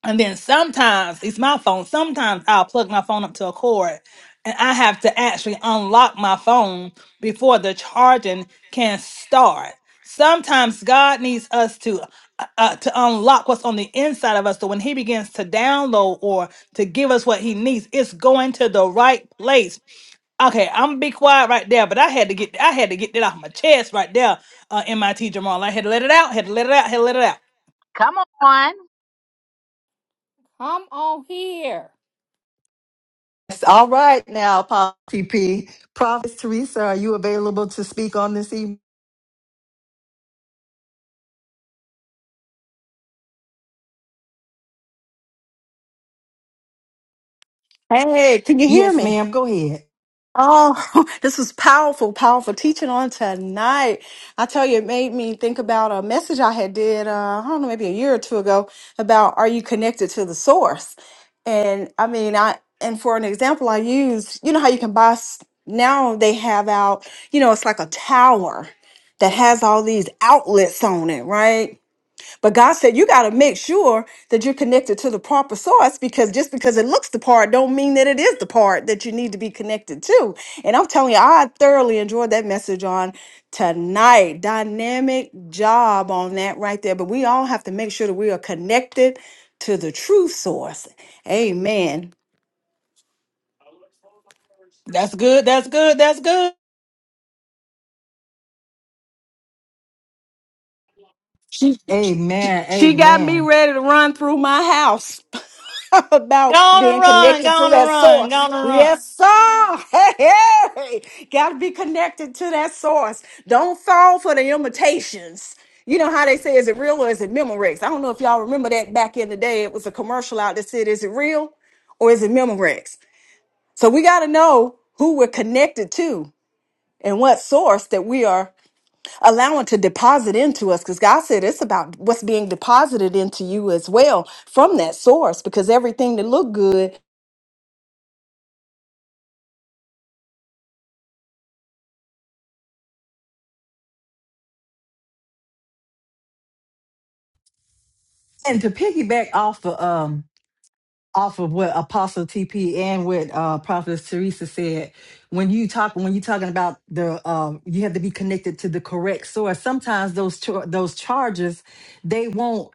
Speaker 6: And then sometimes it's my phone. Sometimes I'll plug my phone up to a cord and I have to actually unlock my phone before the charging can start. Sometimes God needs us to uh, uh, to unlock what's on the inside of us so when he begins to download or to give us what he needs, it's going to the right place. Okay, I'm gonna be quiet right there, but I had to get I had to get that off my chest right there, uh, MIT Jamal. I had to let it out, had to let it out, had to let it out.
Speaker 1: Come on.
Speaker 5: Come on here.
Speaker 2: yes, All right now, Pop PP. Prophetess Teresa, are you available to speak on this evening?
Speaker 7: Hey, can you hear
Speaker 2: Yes,
Speaker 7: me?
Speaker 2: ma'am. Go ahead.
Speaker 7: Oh, this was powerful, powerful teaching on tonight. I tell you, it made me think about a message I had did, uh, I don't know, maybe a year or two ago about are you connected to the source? And I mean, I, and for an example, I used, you know how you can buy, s- now they have out, you know, it's like a tower that has all these outlets on it, right? But God said you got to make sure that you're connected to the proper source because just because it looks the part don't mean that it is the part that you need to be connected to. And I'm telling you, I thoroughly enjoyed that message on tonight. Dynamic job on that right there. But we all have to make sure that we are connected to the true source. Amen.
Speaker 6: That's good, that's good, that's good.
Speaker 2: Amen.
Speaker 7: She got me
Speaker 2: Amen.
Speaker 7: ready to run through my house about
Speaker 6: Gonna
Speaker 7: being
Speaker 6: run,
Speaker 7: connected to
Speaker 6: gonna
Speaker 7: that
Speaker 6: run,
Speaker 7: source.
Speaker 6: gonna run.
Speaker 7: Yes, sir. Hey, hey. Got to be connected to that source. Don't fall for the imitations. You know how they say, is it real or is it Memorex? I don't know if y'all remember that back in the day. It was a commercial out that said, is it real or is it Memorex? So we got to know who we're connected to and what source that we are allowing to deposit into us because God said it's about what's being deposited into you as well from that source because everything that looked good
Speaker 2: And to piggyback off of um off of what Apostle TP and what uh, Prophetess Teresa said. When you talk, when you're talking about the, uh, you have to be connected to the correct source. Sometimes those char- those charges, they won't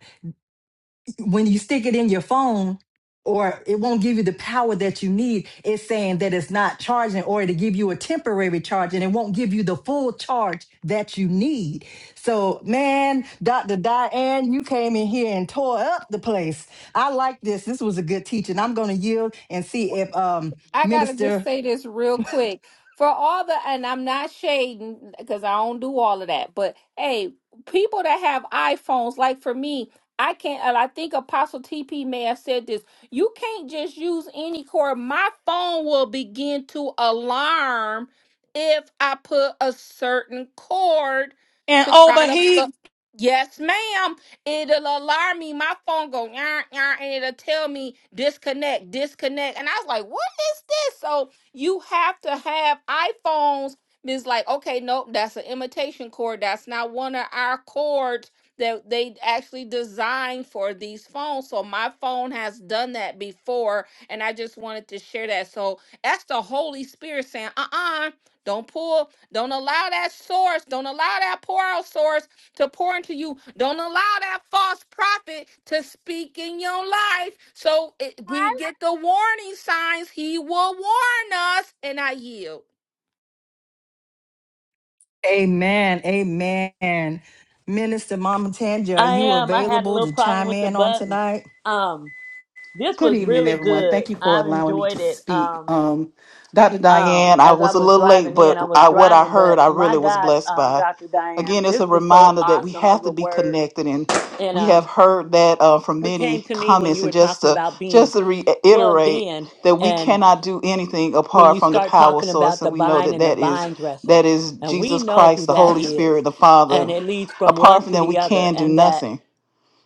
Speaker 2: when you stick it in your phone or it won't give you the power that you need it's saying that it's not charging or to give you a temporary charge and it won't give you the full charge that you need so man dr diane you came in here and tore up the place i like this this was a good teaching i'm going to yield and see if um
Speaker 5: I gotta just
Speaker 2: minister
Speaker 5: say this real quick. For all the, and I'm not shading because I don't do all of that, but hey, people that have iPhones, like for me, I can't, and I think Apostle TP may have said this. You can't just use any cord. My phone will begin to alarm if I put a certain cord
Speaker 6: And
Speaker 5: to
Speaker 6: oh,
Speaker 5: try
Speaker 6: but
Speaker 5: to
Speaker 6: he,
Speaker 5: put. Yes, ma'am it'll alarm me. My phone go yarn yarn, and it'll tell me disconnect, disconnect. And I was like, what is this? So you have to have iPhones. It's like, okay, nope, that's an imitation cord. That's not one of our cords that they actually designed for these phones. So my phone has done that before, and I just wanted to share that. So that's the Holy Spirit saying, uh-uh, don't pull, don't allow that source, don't allow that poor out source to pour into you. Don't allow that false prophet to speak in your life. So it, we get the warning signs. He will warn us, and I yield.
Speaker 2: amen amen minister mama tanja are
Speaker 8: I
Speaker 2: you
Speaker 8: am. I had a
Speaker 2: available
Speaker 8: little
Speaker 2: to
Speaker 8: problem
Speaker 2: chime
Speaker 8: with the
Speaker 2: in on
Speaker 8: button.
Speaker 2: tonight
Speaker 8: Um, this
Speaker 9: Good
Speaker 8: was
Speaker 9: evening,
Speaker 8: really
Speaker 9: everyone.
Speaker 8: good.
Speaker 9: Thank you for
Speaker 8: I
Speaker 9: allowing me to
Speaker 8: enjoyed it.
Speaker 9: speak.
Speaker 8: Um,
Speaker 9: Um, Dr.
Speaker 8: um,
Speaker 9: Diane, I
Speaker 8: as I
Speaker 9: was a
Speaker 8: was
Speaker 9: little late,
Speaker 8: driving in,
Speaker 9: but
Speaker 8: I was
Speaker 9: I, what I
Speaker 8: driving,
Speaker 9: heard,
Speaker 8: but
Speaker 9: I really
Speaker 8: my
Speaker 9: was
Speaker 8: God,
Speaker 9: blessed
Speaker 8: um,
Speaker 9: by.
Speaker 8: Dr. Diane,
Speaker 9: Again, it's
Speaker 8: this
Speaker 9: a
Speaker 8: was so
Speaker 9: reminder that we
Speaker 8: awesome
Speaker 9: have
Speaker 8: of
Speaker 9: to
Speaker 8: a
Speaker 9: be
Speaker 8: word.
Speaker 9: connected, and
Speaker 8: And
Speaker 9: we have
Speaker 8: um,
Speaker 9: heard that uh, from
Speaker 8: it came
Speaker 9: many
Speaker 8: to me when
Speaker 9: comments.
Speaker 8: you
Speaker 9: And
Speaker 8: were
Speaker 9: just
Speaker 8: talking
Speaker 9: to
Speaker 8: about
Speaker 9: just
Speaker 8: being
Speaker 9: to
Speaker 8: plugged
Speaker 9: reiterate
Speaker 8: in
Speaker 9: that we
Speaker 8: and
Speaker 9: cannot do anything
Speaker 8: when
Speaker 9: apart
Speaker 8: you
Speaker 9: from the
Speaker 8: start
Speaker 9: power
Speaker 8: talking
Speaker 9: source,
Speaker 8: about
Speaker 9: and
Speaker 8: the
Speaker 9: we know
Speaker 8: vine
Speaker 9: that
Speaker 8: and the
Speaker 9: that is
Speaker 8: vine dresser.
Speaker 9: that is
Speaker 8: And we
Speaker 9: Jesus
Speaker 8: know
Speaker 9: Christ,
Speaker 8: who
Speaker 9: the
Speaker 8: that
Speaker 9: Holy Spirit,
Speaker 8: is.
Speaker 9: the
Speaker 8: And
Speaker 9: Father.
Speaker 8: it leads from one
Speaker 9: Apart from
Speaker 8: to
Speaker 9: them, we
Speaker 8: the other.
Speaker 9: can do
Speaker 8: And that
Speaker 9: nothing.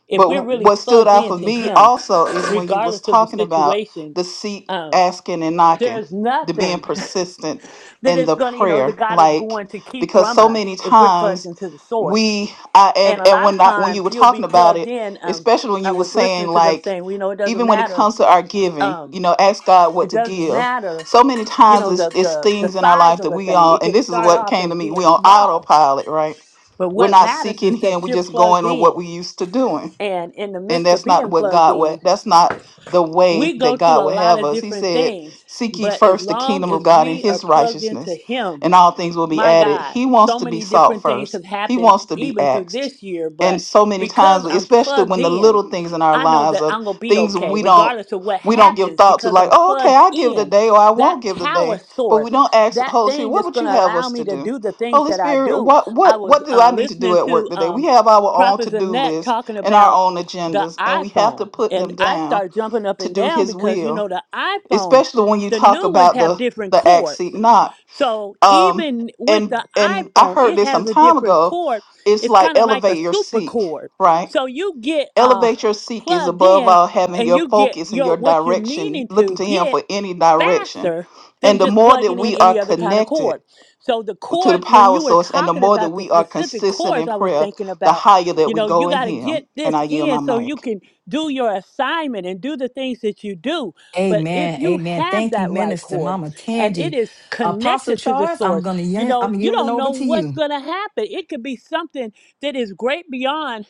Speaker 8: if
Speaker 9: But
Speaker 8: we're
Speaker 9: wh-
Speaker 8: really
Speaker 9: what stood
Speaker 8: plugged
Speaker 9: out for
Speaker 8: into
Speaker 9: me
Speaker 8: Him,
Speaker 9: also is when you was
Speaker 8: regardless of the
Speaker 9: talking about
Speaker 8: situation.
Speaker 9: the seek,
Speaker 8: Um,
Speaker 9: asking, and knocking,
Speaker 8: there's
Speaker 9: the being
Speaker 8: nothing
Speaker 9: persistent
Speaker 8: that
Speaker 9: in
Speaker 8: is
Speaker 9: the
Speaker 8: going to, you know,
Speaker 9: prayer,
Speaker 8: that God is
Speaker 9: like
Speaker 8: going to keep
Speaker 9: because
Speaker 8: from
Speaker 9: so
Speaker 8: us
Speaker 9: many
Speaker 8: if we're plugged
Speaker 9: times
Speaker 8: into the source.
Speaker 9: we, I and
Speaker 8: And a
Speaker 9: and
Speaker 8: lot of
Speaker 9: when I, when you
Speaker 8: times
Speaker 9: were
Speaker 8: you'll
Speaker 9: talking
Speaker 8: be
Speaker 9: about
Speaker 8: plugged
Speaker 9: it,
Speaker 8: in. Um,
Speaker 9: especially when
Speaker 8: I
Speaker 9: you were
Speaker 8: was
Speaker 9: saying
Speaker 8: listening to them
Speaker 9: like,
Speaker 8: saying, well, you know, it doesn't
Speaker 9: even when it
Speaker 8: matter.
Speaker 9: comes to our giving,
Speaker 8: Um,
Speaker 9: you know, ask God what
Speaker 8: it
Speaker 9: to
Speaker 8: doesn't
Speaker 9: give.
Speaker 8: matter,
Speaker 9: So many
Speaker 8: you
Speaker 9: times
Speaker 8: know,
Speaker 9: it's,
Speaker 8: the,
Speaker 9: it's
Speaker 8: the, the
Speaker 9: things in our
Speaker 8: size
Speaker 9: life
Speaker 8: of
Speaker 9: that
Speaker 8: a
Speaker 9: we
Speaker 8: thing.
Speaker 9: all,
Speaker 8: It
Speaker 9: and
Speaker 8: could
Speaker 9: this is
Speaker 8: start
Speaker 9: what
Speaker 8: off
Speaker 9: came to
Speaker 8: as
Speaker 9: me, we
Speaker 8: being
Speaker 9: on
Speaker 8: small,
Speaker 9: autopilot, right?
Speaker 8: but
Speaker 9: We're
Speaker 8: what
Speaker 9: not
Speaker 8: matters
Speaker 9: seeking
Speaker 8: is
Speaker 9: Him,
Speaker 8: that
Speaker 9: we're
Speaker 8: you're
Speaker 9: just
Speaker 8: plugged
Speaker 9: going on what
Speaker 8: in.
Speaker 9: we used to doing
Speaker 8: And in the
Speaker 9: and
Speaker 8: midst of
Speaker 9: that's not
Speaker 8: being
Speaker 9: what
Speaker 8: plugged
Speaker 9: God would
Speaker 8: in,
Speaker 9: that's not the way
Speaker 8: we go
Speaker 9: that
Speaker 8: through
Speaker 9: God
Speaker 8: a
Speaker 9: would
Speaker 8: lot
Speaker 9: have
Speaker 8: of
Speaker 9: us. He
Speaker 8: different
Speaker 9: said,
Speaker 8: things,
Speaker 9: Seek ye
Speaker 8: but as
Speaker 9: first the
Speaker 8: long
Speaker 9: kingdom of
Speaker 8: as
Speaker 9: God and
Speaker 8: we are
Speaker 9: his
Speaker 8: plugged into
Speaker 9: righteousness,
Speaker 8: Him,
Speaker 9: and all things will be
Speaker 8: my
Speaker 9: added.
Speaker 8: God,
Speaker 9: He wants
Speaker 8: so
Speaker 9: to be
Speaker 8: many
Speaker 9: sought
Speaker 8: different things
Speaker 9: first.
Speaker 8: have
Speaker 9: He
Speaker 8: happened
Speaker 9: wants to be
Speaker 8: even through
Speaker 9: asked.
Speaker 8: this year,
Speaker 9: And
Speaker 8: but
Speaker 9: so many times,
Speaker 8: because I'm
Speaker 9: especially
Speaker 8: plugged
Speaker 9: when the
Speaker 8: in,
Speaker 9: little things in our
Speaker 8: I know
Speaker 9: lives
Speaker 8: that
Speaker 9: are
Speaker 8: I'm going to be
Speaker 9: things
Speaker 8: okay,
Speaker 9: we don't
Speaker 8: regardless of what
Speaker 9: we don't give
Speaker 8: happens,
Speaker 9: thought to,
Speaker 8: because
Speaker 9: like,
Speaker 8: I'm
Speaker 9: oh, okay,
Speaker 8: plugged
Speaker 9: I give
Speaker 8: in.
Speaker 9: today or I
Speaker 8: That
Speaker 9: won't give
Speaker 8: power
Speaker 9: today. But we
Speaker 8: source,
Speaker 9: don't ask the
Speaker 8: that
Speaker 9: Holy Spirit,
Speaker 8: thing
Speaker 9: what
Speaker 8: that's
Speaker 9: would
Speaker 8: going
Speaker 9: you
Speaker 8: to
Speaker 9: have
Speaker 8: allow
Speaker 9: us to
Speaker 8: me to
Speaker 9: do?
Speaker 8: do the things
Speaker 9: Holy
Speaker 8: that I
Speaker 9: Spirit,
Speaker 8: do.
Speaker 9: what
Speaker 8: I
Speaker 9: what
Speaker 8: was
Speaker 9: what do I
Speaker 8: uh,
Speaker 9: need to do
Speaker 8: listening
Speaker 9: at work
Speaker 8: to
Speaker 9: today? We
Speaker 8: um,
Speaker 9: have our own
Speaker 8: Prophet
Speaker 9: to-do
Speaker 8: Annette
Speaker 9: list
Speaker 8: talking
Speaker 9: and our
Speaker 8: about
Speaker 9: own
Speaker 8: the
Speaker 9: agendas, and we have to
Speaker 8: iPhone,
Speaker 9: put
Speaker 8: and
Speaker 9: them
Speaker 8: I
Speaker 9: down
Speaker 8: start jumping up
Speaker 9: to
Speaker 8: and
Speaker 9: do
Speaker 8: down
Speaker 9: His
Speaker 8: because, you know,
Speaker 9: will.
Speaker 8: the iPhone,
Speaker 9: Especially when you
Speaker 8: the
Speaker 9: talk
Speaker 8: new ones
Speaker 9: about
Speaker 8: have
Speaker 9: the
Speaker 8: different
Speaker 9: the act seek
Speaker 8: cords
Speaker 9: not.
Speaker 8: so
Speaker 9: Um,
Speaker 8: even with
Speaker 9: and
Speaker 8: the
Speaker 9: and I
Speaker 8: iPhone,
Speaker 9: heard
Speaker 8: it
Speaker 9: this some
Speaker 8: has a
Speaker 9: time
Speaker 8: different
Speaker 9: ago.
Speaker 8: cord.
Speaker 9: It's
Speaker 8: It's
Speaker 9: like
Speaker 8: kind of like a
Speaker 9: elevate your
Speaker 8: super
Speaker 9: seek,
Speaker 8: cord.
Speaker 9: right?
Speaker 8: So you get uh
Speaker 9: Elevate your seek is
Speaker 8: plugged
Speaker 9: above
Speaker 8: in
Speaker 9: all having
Speaker 8: and
Speaker 9: your
Speaker 8: you get
Speaker 9: focus and your
Speaker 8: your what you're
Speaker 9: direction,
Speaker 8: needing
Speaker 9: looking
Speaker 8: to
Speaker 9: to Him
Speaker 8: get
Speaker 9: for any direction.
Speaker 8: faster than
Speaker 9: And the
Speaker 8: just
Speaker 9: more that
Speaker 8: plugging in
Speaker 9: we are
Speaker 8: any other kind of
Speaker 9: connected
Speaker 8: cord. So the
Speaker 9: to the
Speaker 8: cords, when
Speaker 9: power
Speaker 8: you were
Speaker 9: source, and the
Speaker 8: talking
Speaker 9: more that
Speaker 8: about the
Speaker 9: we are
Speaker 8: specific
Speaker 9: consistent
Speaker 8: cords,
Speaker 9: in
Speaker 8: I was
Speaker 9: prayer,
Speaker 8: thinking
Speaker 9: the
Speaker 8: about,
Speaker 9: higher that
Speaker 8: you
Speaker 9: we
Speaker 8: know, you
Speaker 9: go in
Speaker 8: got to
Speaker 9: Him.
Speaker 8: get
Speaker 9: And
Speaker 8: this
Speaker 9: I yield my
Speaker 8: in so you
Speaker 9: mic.
Speaker 8: can do your assignment and do the things that you do. But if
Speaker 2: Amen.
Speaker 8: you
Speaker 2: Amen.
Speaker 8: have
Speaker 2: Thank you,
Speaker 8: that right
Speaker 2: Minister
Speaker 8: cord
Speaker 2: Mama
Speaker 8: and it
Speaker 2: Tangi.
Speaker 8: is
Speaker 2: Apostle
Speaker 8: connected to the
Speaker 2: Charles, I'm
Speaker 8: source,
Speaker 2: gonna
Speaker 8: you
Speaker 2: y-
Speaker 8: know,
Speaker 2: I'm
Speaker 8: you
Speaker 2: yielding
Speaker 8: don't
Speaker 2: over
Speaker 8: know
Speaker 2: to
Speaker 8: what's
Speaker 2: you.
Speaker 8: going to happen. It could be something that is great beyond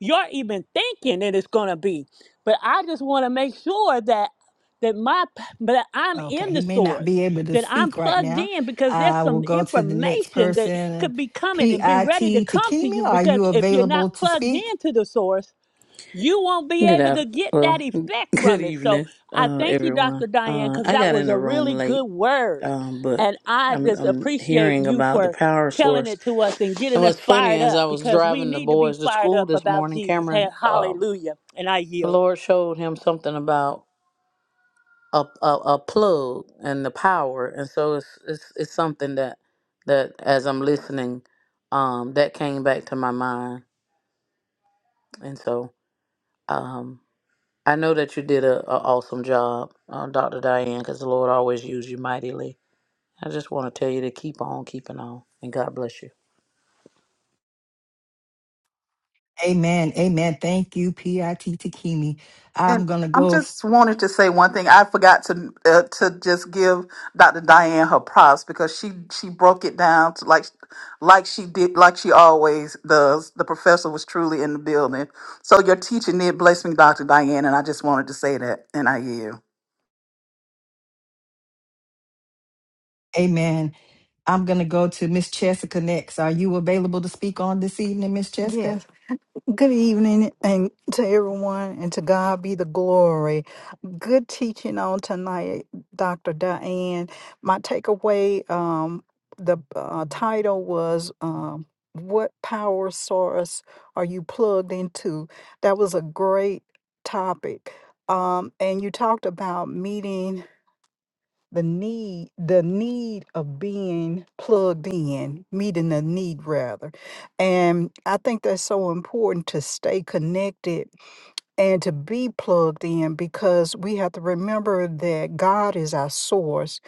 Speaker 8: you're even thinking that it's going to be. But I just want to make sure that that my p- that I'm
Speaker 2: Okay,
Speaker 8: in
Speaker 2: he
Speaker 8: the
Speaker 2: may not be
Speaker 8: source,
Speaker 2: able to
Speaker 8: that I'm
Speaker 2: speak right
Speaker 8: plugged
Speaker 2: now.
Speaker 8: in because there's
Speaker 2: I will
Speaker 8: some
Speaker 2: go to the next
Speaker 8: information that
Speaker 2: person.
Speaker 8: could be coming and be ready to
Speaker 2: PIT
Speaker 8: come to
Speaker 2: Takimi,
Speaker 8: you
Speaker 2: are
Speaker 8: because
Speaker 2: you
Speaker 8: if you're
Speaker 2: available
Speaker 8: not
Speaker 2: to
Speaker 8: plugged
Speaker 2: speak?
Speaker 8: into the source, you won't be
Speaker 10: Good
Speaker 8: able to
Speaker 10: after,
Speaker 8: get that
Speaker 10: well,
Speaker 8: effect
Speaker 10: good
Speaker 8: from it. So
Speaker 10: evening,
Speaker 8: I
Speaker 10: uh,
Speaker 8: thank you, Dr.
Speaker 10: everyone.
Speaker 8: Diane,
Speaker 10: Uh,
Speaker 8: because
Speaker 10: I
Speaker 8: that
Speaker 10: got in
Speaker 8: was
Speaker 10: the
Speaker 8: a
Speaker 10: room
Speaker 8: really good
Speaker 10: late,
Speaker 8: word.
Speaker 10: um, but
Speaker 8: And I
Speaker 10: I'm,
Speaker 8: just
Speaker 10: I'm
Speaker 8: appreciate
Speaker 10: hearing
Speaker 8: you
Speaker 10: about the
Speaker 8: for
Speaker 10: power
Speaker 8: telling
Speaker 10: source.
Speaker 8: it to us and
Speaker 10: And
Speaker 8: getting
Speaker 10: what's
Speaker 8: us
Speaker 10: funny
Speaker 8: fired
Speaker 10: is
Speaker 8: up
Speaker 10: I was
Speaker 8: because we
Speaker 10: driving the
Speaker 8: need to be
Speaker 10: boys to
Speaker 8: fired
Speaker 10: school
Speaker 8: up
Speaker 10: this
Speaker 8: about
Speaker 10: morning,
Speaker 8: Jesus. Ha-
Speaker 10: Cameron. Um,
Speaker 8: Hallelujah. And I
Speaker 10: the
Speaker 8: yield.
Speaker 10: Lord showed him something about a, a, a plug and the power, and so it's it's, it's something that that as I'm listening, um, that came back to my mind, and so. Um, I know that you did a, a awesome job, uh, Dr. Diane, because the Lord always used you mightily. I just want to tell you to keep on keeping on, and God bless you.
Speaker 2: Amen. Amen. Thank you, PIT Takimi. I'm
Speaker 9: And
Speaker 2: gonna
Speaker 9: I'm
Speaker 2: go.
Speaker 9: just wanted to say one thing. I forgot to uh, to just give Dr. Diane her props because she she broke it down to like like she did like she always does. The professor was truly in the building. So your teacher did bless me, Dr. Diane, and I just wanted to say that. And I yield.
Speaker 2: Amen. I'm gonna go to Miss Jessica next. Are you available to speak on this evening, Miss Jessica?
Speaker 11: Yes. Good evening and to everyone and to God be the glory. Good teaching on tonight, Dr. Diane. My takeaway, um, the uh, title was um, What Power Source Are You Plugged Into? That was a great topic. Um, and you talked about meeting the need the need of being plugged in meeting the need rather and i think that's so important to stay connected and to be plugged in because we have to remember that god is our source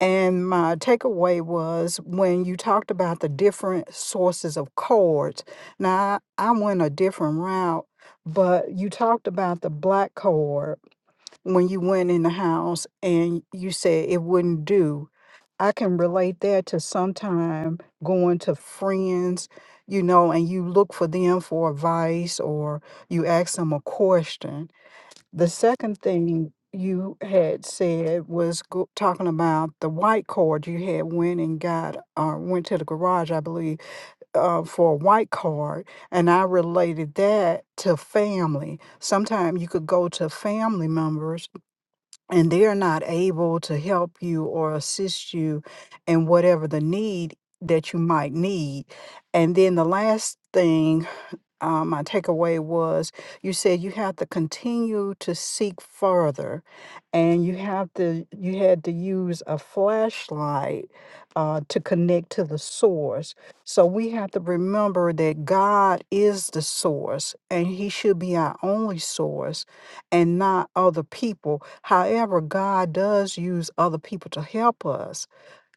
Speaker 11: and my takeaway was when you talked about the different sources of cords now i I went a different route but you talked about the black cord when you went in the house and you said it wouldn't do. I can relate that to sometime going to friends, you know, and you look for them for advice or you ask them a question. The second thing you had said was go- talking about the white card you had went and got or went to the garage, I believe, uh, for a white card, and I related that to family. Sometimes you could go to family members and they are not able to help you or assist you in whatever the need that you might need. And then the last thing uh, my takeaway was you said you have to continue to seek further and you have to you had to use a flashlight uh, to connect to the source so we have to remember that god is the source and he should be our only source and not other people however god does use other people to help us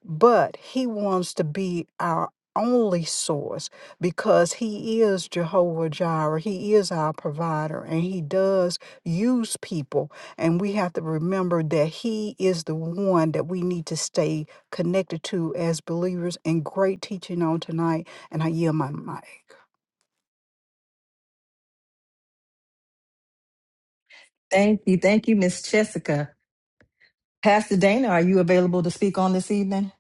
Speaker 11: but he wants to be our only source because he is Jehovah Jireh. He is our provider and he does use people. And we have to remember that he is the one that we need to stay connected to as believers. And great teaching on tonight. And I yield my mic.
Speaker 2: Thank you. Thank you, Miss Jessica. Pastor Dana, are you available to speak on this evening?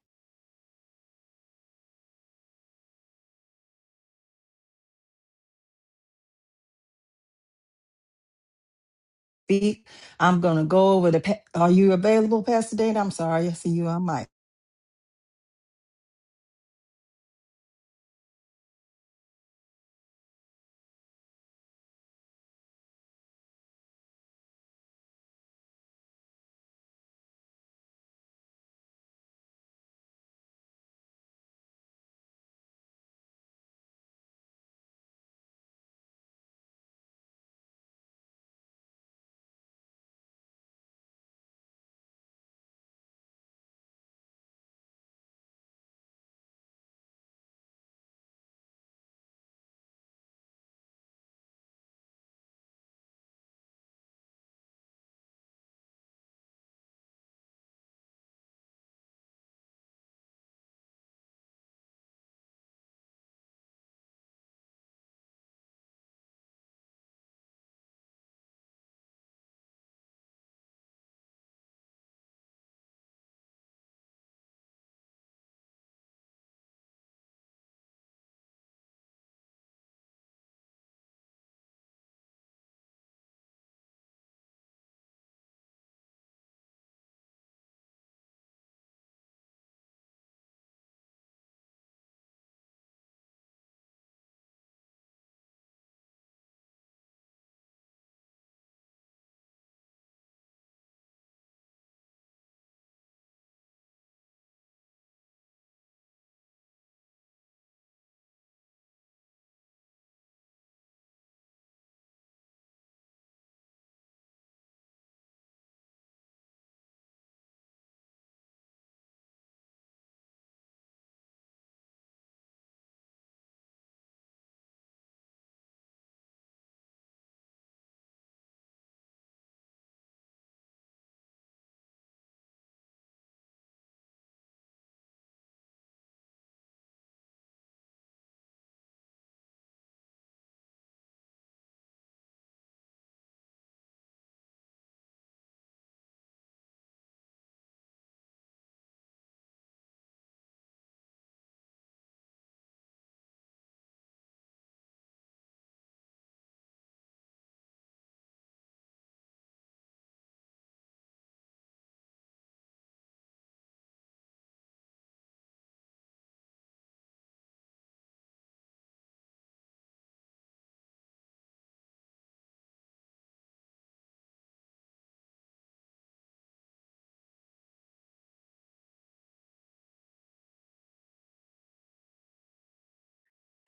Speaker 2: Speak. I'm going to go over the. pa- Are you available, Pastor Dana? I'm sorry. I see you on mic.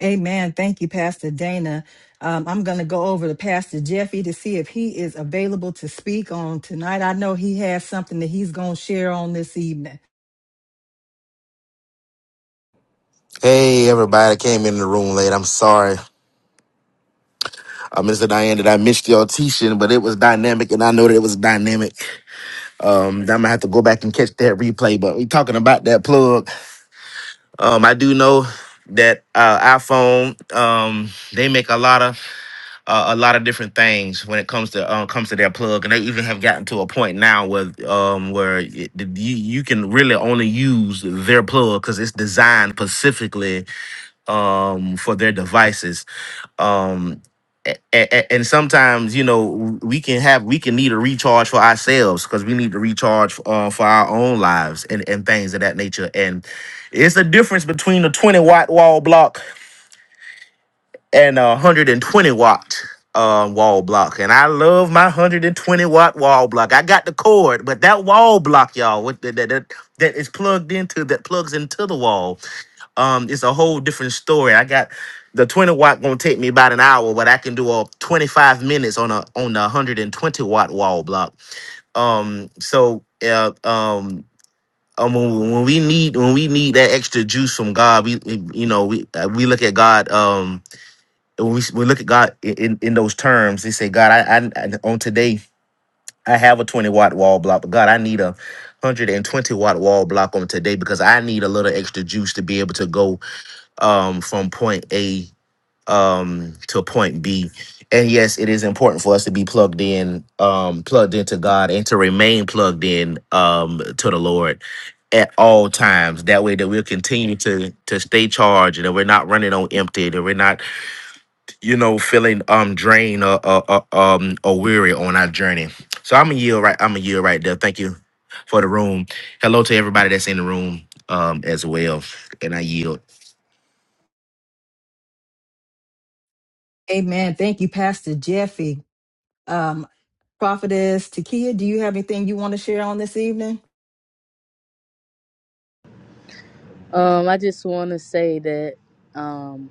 Speaker 2: Amen. Thank you, Pastor Dana. Um, I'm going to go over to Pastor Jeffy to see if he is available to speak on tonight. I know he has something that he's going to share on this evening.
Speaker 12: Hey, everybody I came in the room late. I'm sorry, uh, Mr. Diane, that I missed your teaching, but it was dynamic, and I know that it was dynamic. Um, I'm gonna have to go back and catch that replay. But we talking about that plug. Um, I do know that uh, iPhone um, they make a lot of uh, a lot of different things when it comes to um, comes to their plug, and they even have gotten to a point now where um, where it, you you can really only use their plug because it's designed specifically um, for their devices. um a- a- and sometimes you know we can have we can need a recharge for ourselves because we need to recharge uh, for our own lives and, and things of that nature and it's a difference between a 20 watt wall block and a 120 watt uh, wall block and i love my 120 watt wall block i got the cord but that wall block y'all with the, that, that that is plugged into that plugs into the wall um, it's a whole different story. I got the 20 watt gonna take me about an hour, but I can do a 25 minutes on a on the 120 watt wall block. Um, so uh, um, um, when when we need when we need that extra juice from God, we we- you know we uh, we look at God. Um, when we we look at God in, in in those terms. They say, God, I, I I- on today I have a 20 watt wall block, but God, I need a 120 watt wall block on today because I need a little extra juice to be able to go um, from point A um, to point B. And yes, it is important for us to be plugged in, um, plugged into God, and to remain plugged in um, to the Lord at all times. That way, that we'll continue to to stay charged, and that we're not running on empty, that we're not, you know, feeling um drained or, or, or um or weary on our journey. So I'm a yield right. I'm a yield right there. Thank you for the room. Hello to everybody that's in the room um as well, and I yield.
Speaker 2: Amen. Thank you, Pastor Jeffy. Um, Prophetess Takia, do you have anything you want to share on this evening?
Speaker 13: Um, I just want to say that um,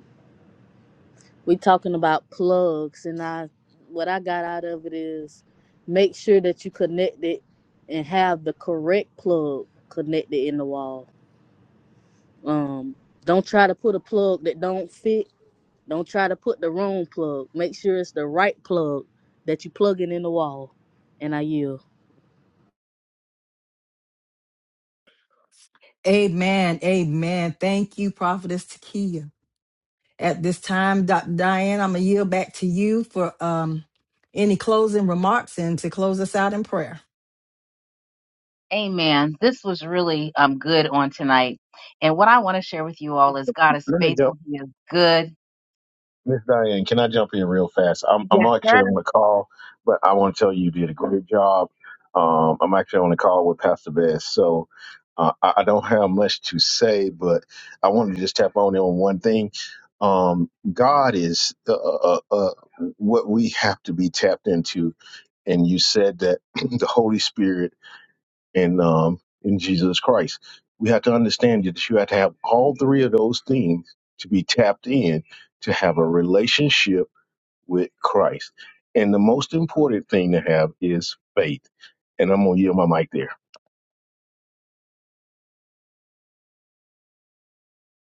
Speaker 13: we talking about plugs, and I what I got out of it is make sure that you connect it and have the correct plug connected in the wall. Um, don't try to put a plug that don't fit. Don't try to put the wrong plug. Make sure it's the right plug that you plug in in the wall. And I yield.
Speaker 2: Amen. Amen. Thank you, Prophetess Takia. At this time, Dr. Diane, I'm going to yield back to you for um, any closing remarks and to close us out in prayer.
Speaker 1: Amen. This was really um good on tonight. And what I want to share with you all is God is
Speaker 14: Let me jump,
Speaker 1: faithful. He is good.
Speaker 14: Miss Diane. Can I jump in real fast? I'm I'm
Speaker 1: Yes, sir.
Speaker 14: actually on the call, but I want to tell you you did a great job. Um, I'm actually on the call with Pastor Bass, so uh, I, I don't have much to say, but I want to just tap on in on one thing. Um, God is uh, uh, uh, uh, what we have to be tapped into, and you said that the Holy Spirit in um, in Jesus Christ. We have to understand that you have to have all three of those things to be tapped in to have a relationship with Christ. And the most important thing to have is faith. And I'm gonna yield my mic there.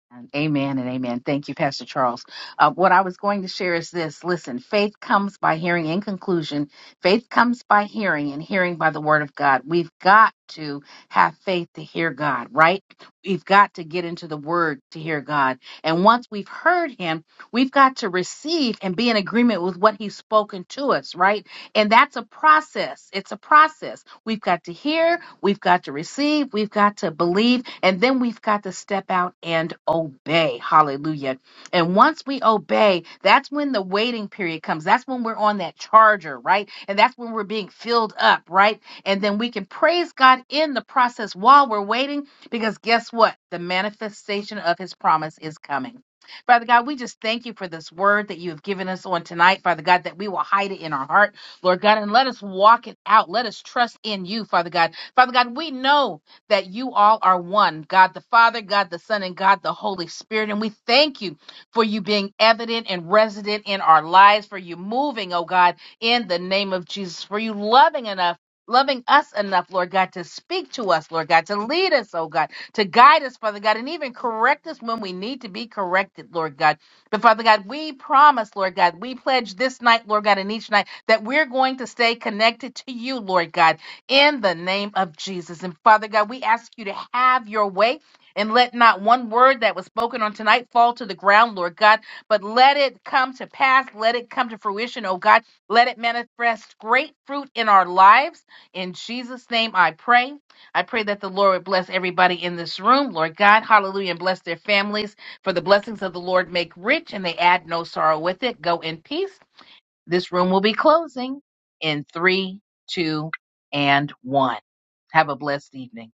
Speaker 1: Um, Amen and amen. Thank you, Pastor Charles. Uh, what I was going to share is this listen, faith comes by hearing. In conclusion, faith comes by hearing, and hearing by the word of God. We've got to have faith to hear God, right? We've got to get into the word to hear God. And once we've heard him, we've got to receive and be in agreement with what he's spoken to us, right? And that's a process. It's a process. We've got to hear, We've got to receive, we've got to believe, and then we've got to step out and obey. Hallelujah. And once we obey, that's when the waiting period comes. That's when we're on that charger, right? And that's when we're being filled up, right? And then we can praise God in the process while we're waiting, because guess what? The manifestation of his promise is coming. Father God, we just thank you for this word that you have given us on tonight, Father God, that we will hide it in our heart, Lord God, and let us walk it out. Let us trust in you, Father God. Father God, we know that you all are one God the Father, God the Son, and God the Holy Spirit. And we thank you for you being evident and resident in our lives, for you moving, oh God, in the name of Jesus, for you loving enough. Loving us enough, Lord God, to speak to us, Lord God, to lead us, oh God, to guide us, Father God, and even correct us when we need to be corrected, Lord God. But Father God, we promise, Lord God, we pledge this night, Lord God, and each night that we're going to stay connected to you, Lord God in the name of Jesus. And Father God, we ask you to have your way and let not one word that was spoken on tonight fall to the ground, Lord God, but let it come to pass. Let it come to fruition, oh God. Let it manifest great fruit in our lives. In Jesus' name, I pray. I pray that the Lord would bless everybody in this room, Lord God. Hallelujah. And bless their families. For the blessings of the Lord make rich and they add no sorrow with it. Go in peace. This room will be closing in three, two, and one. Have a blessed evening.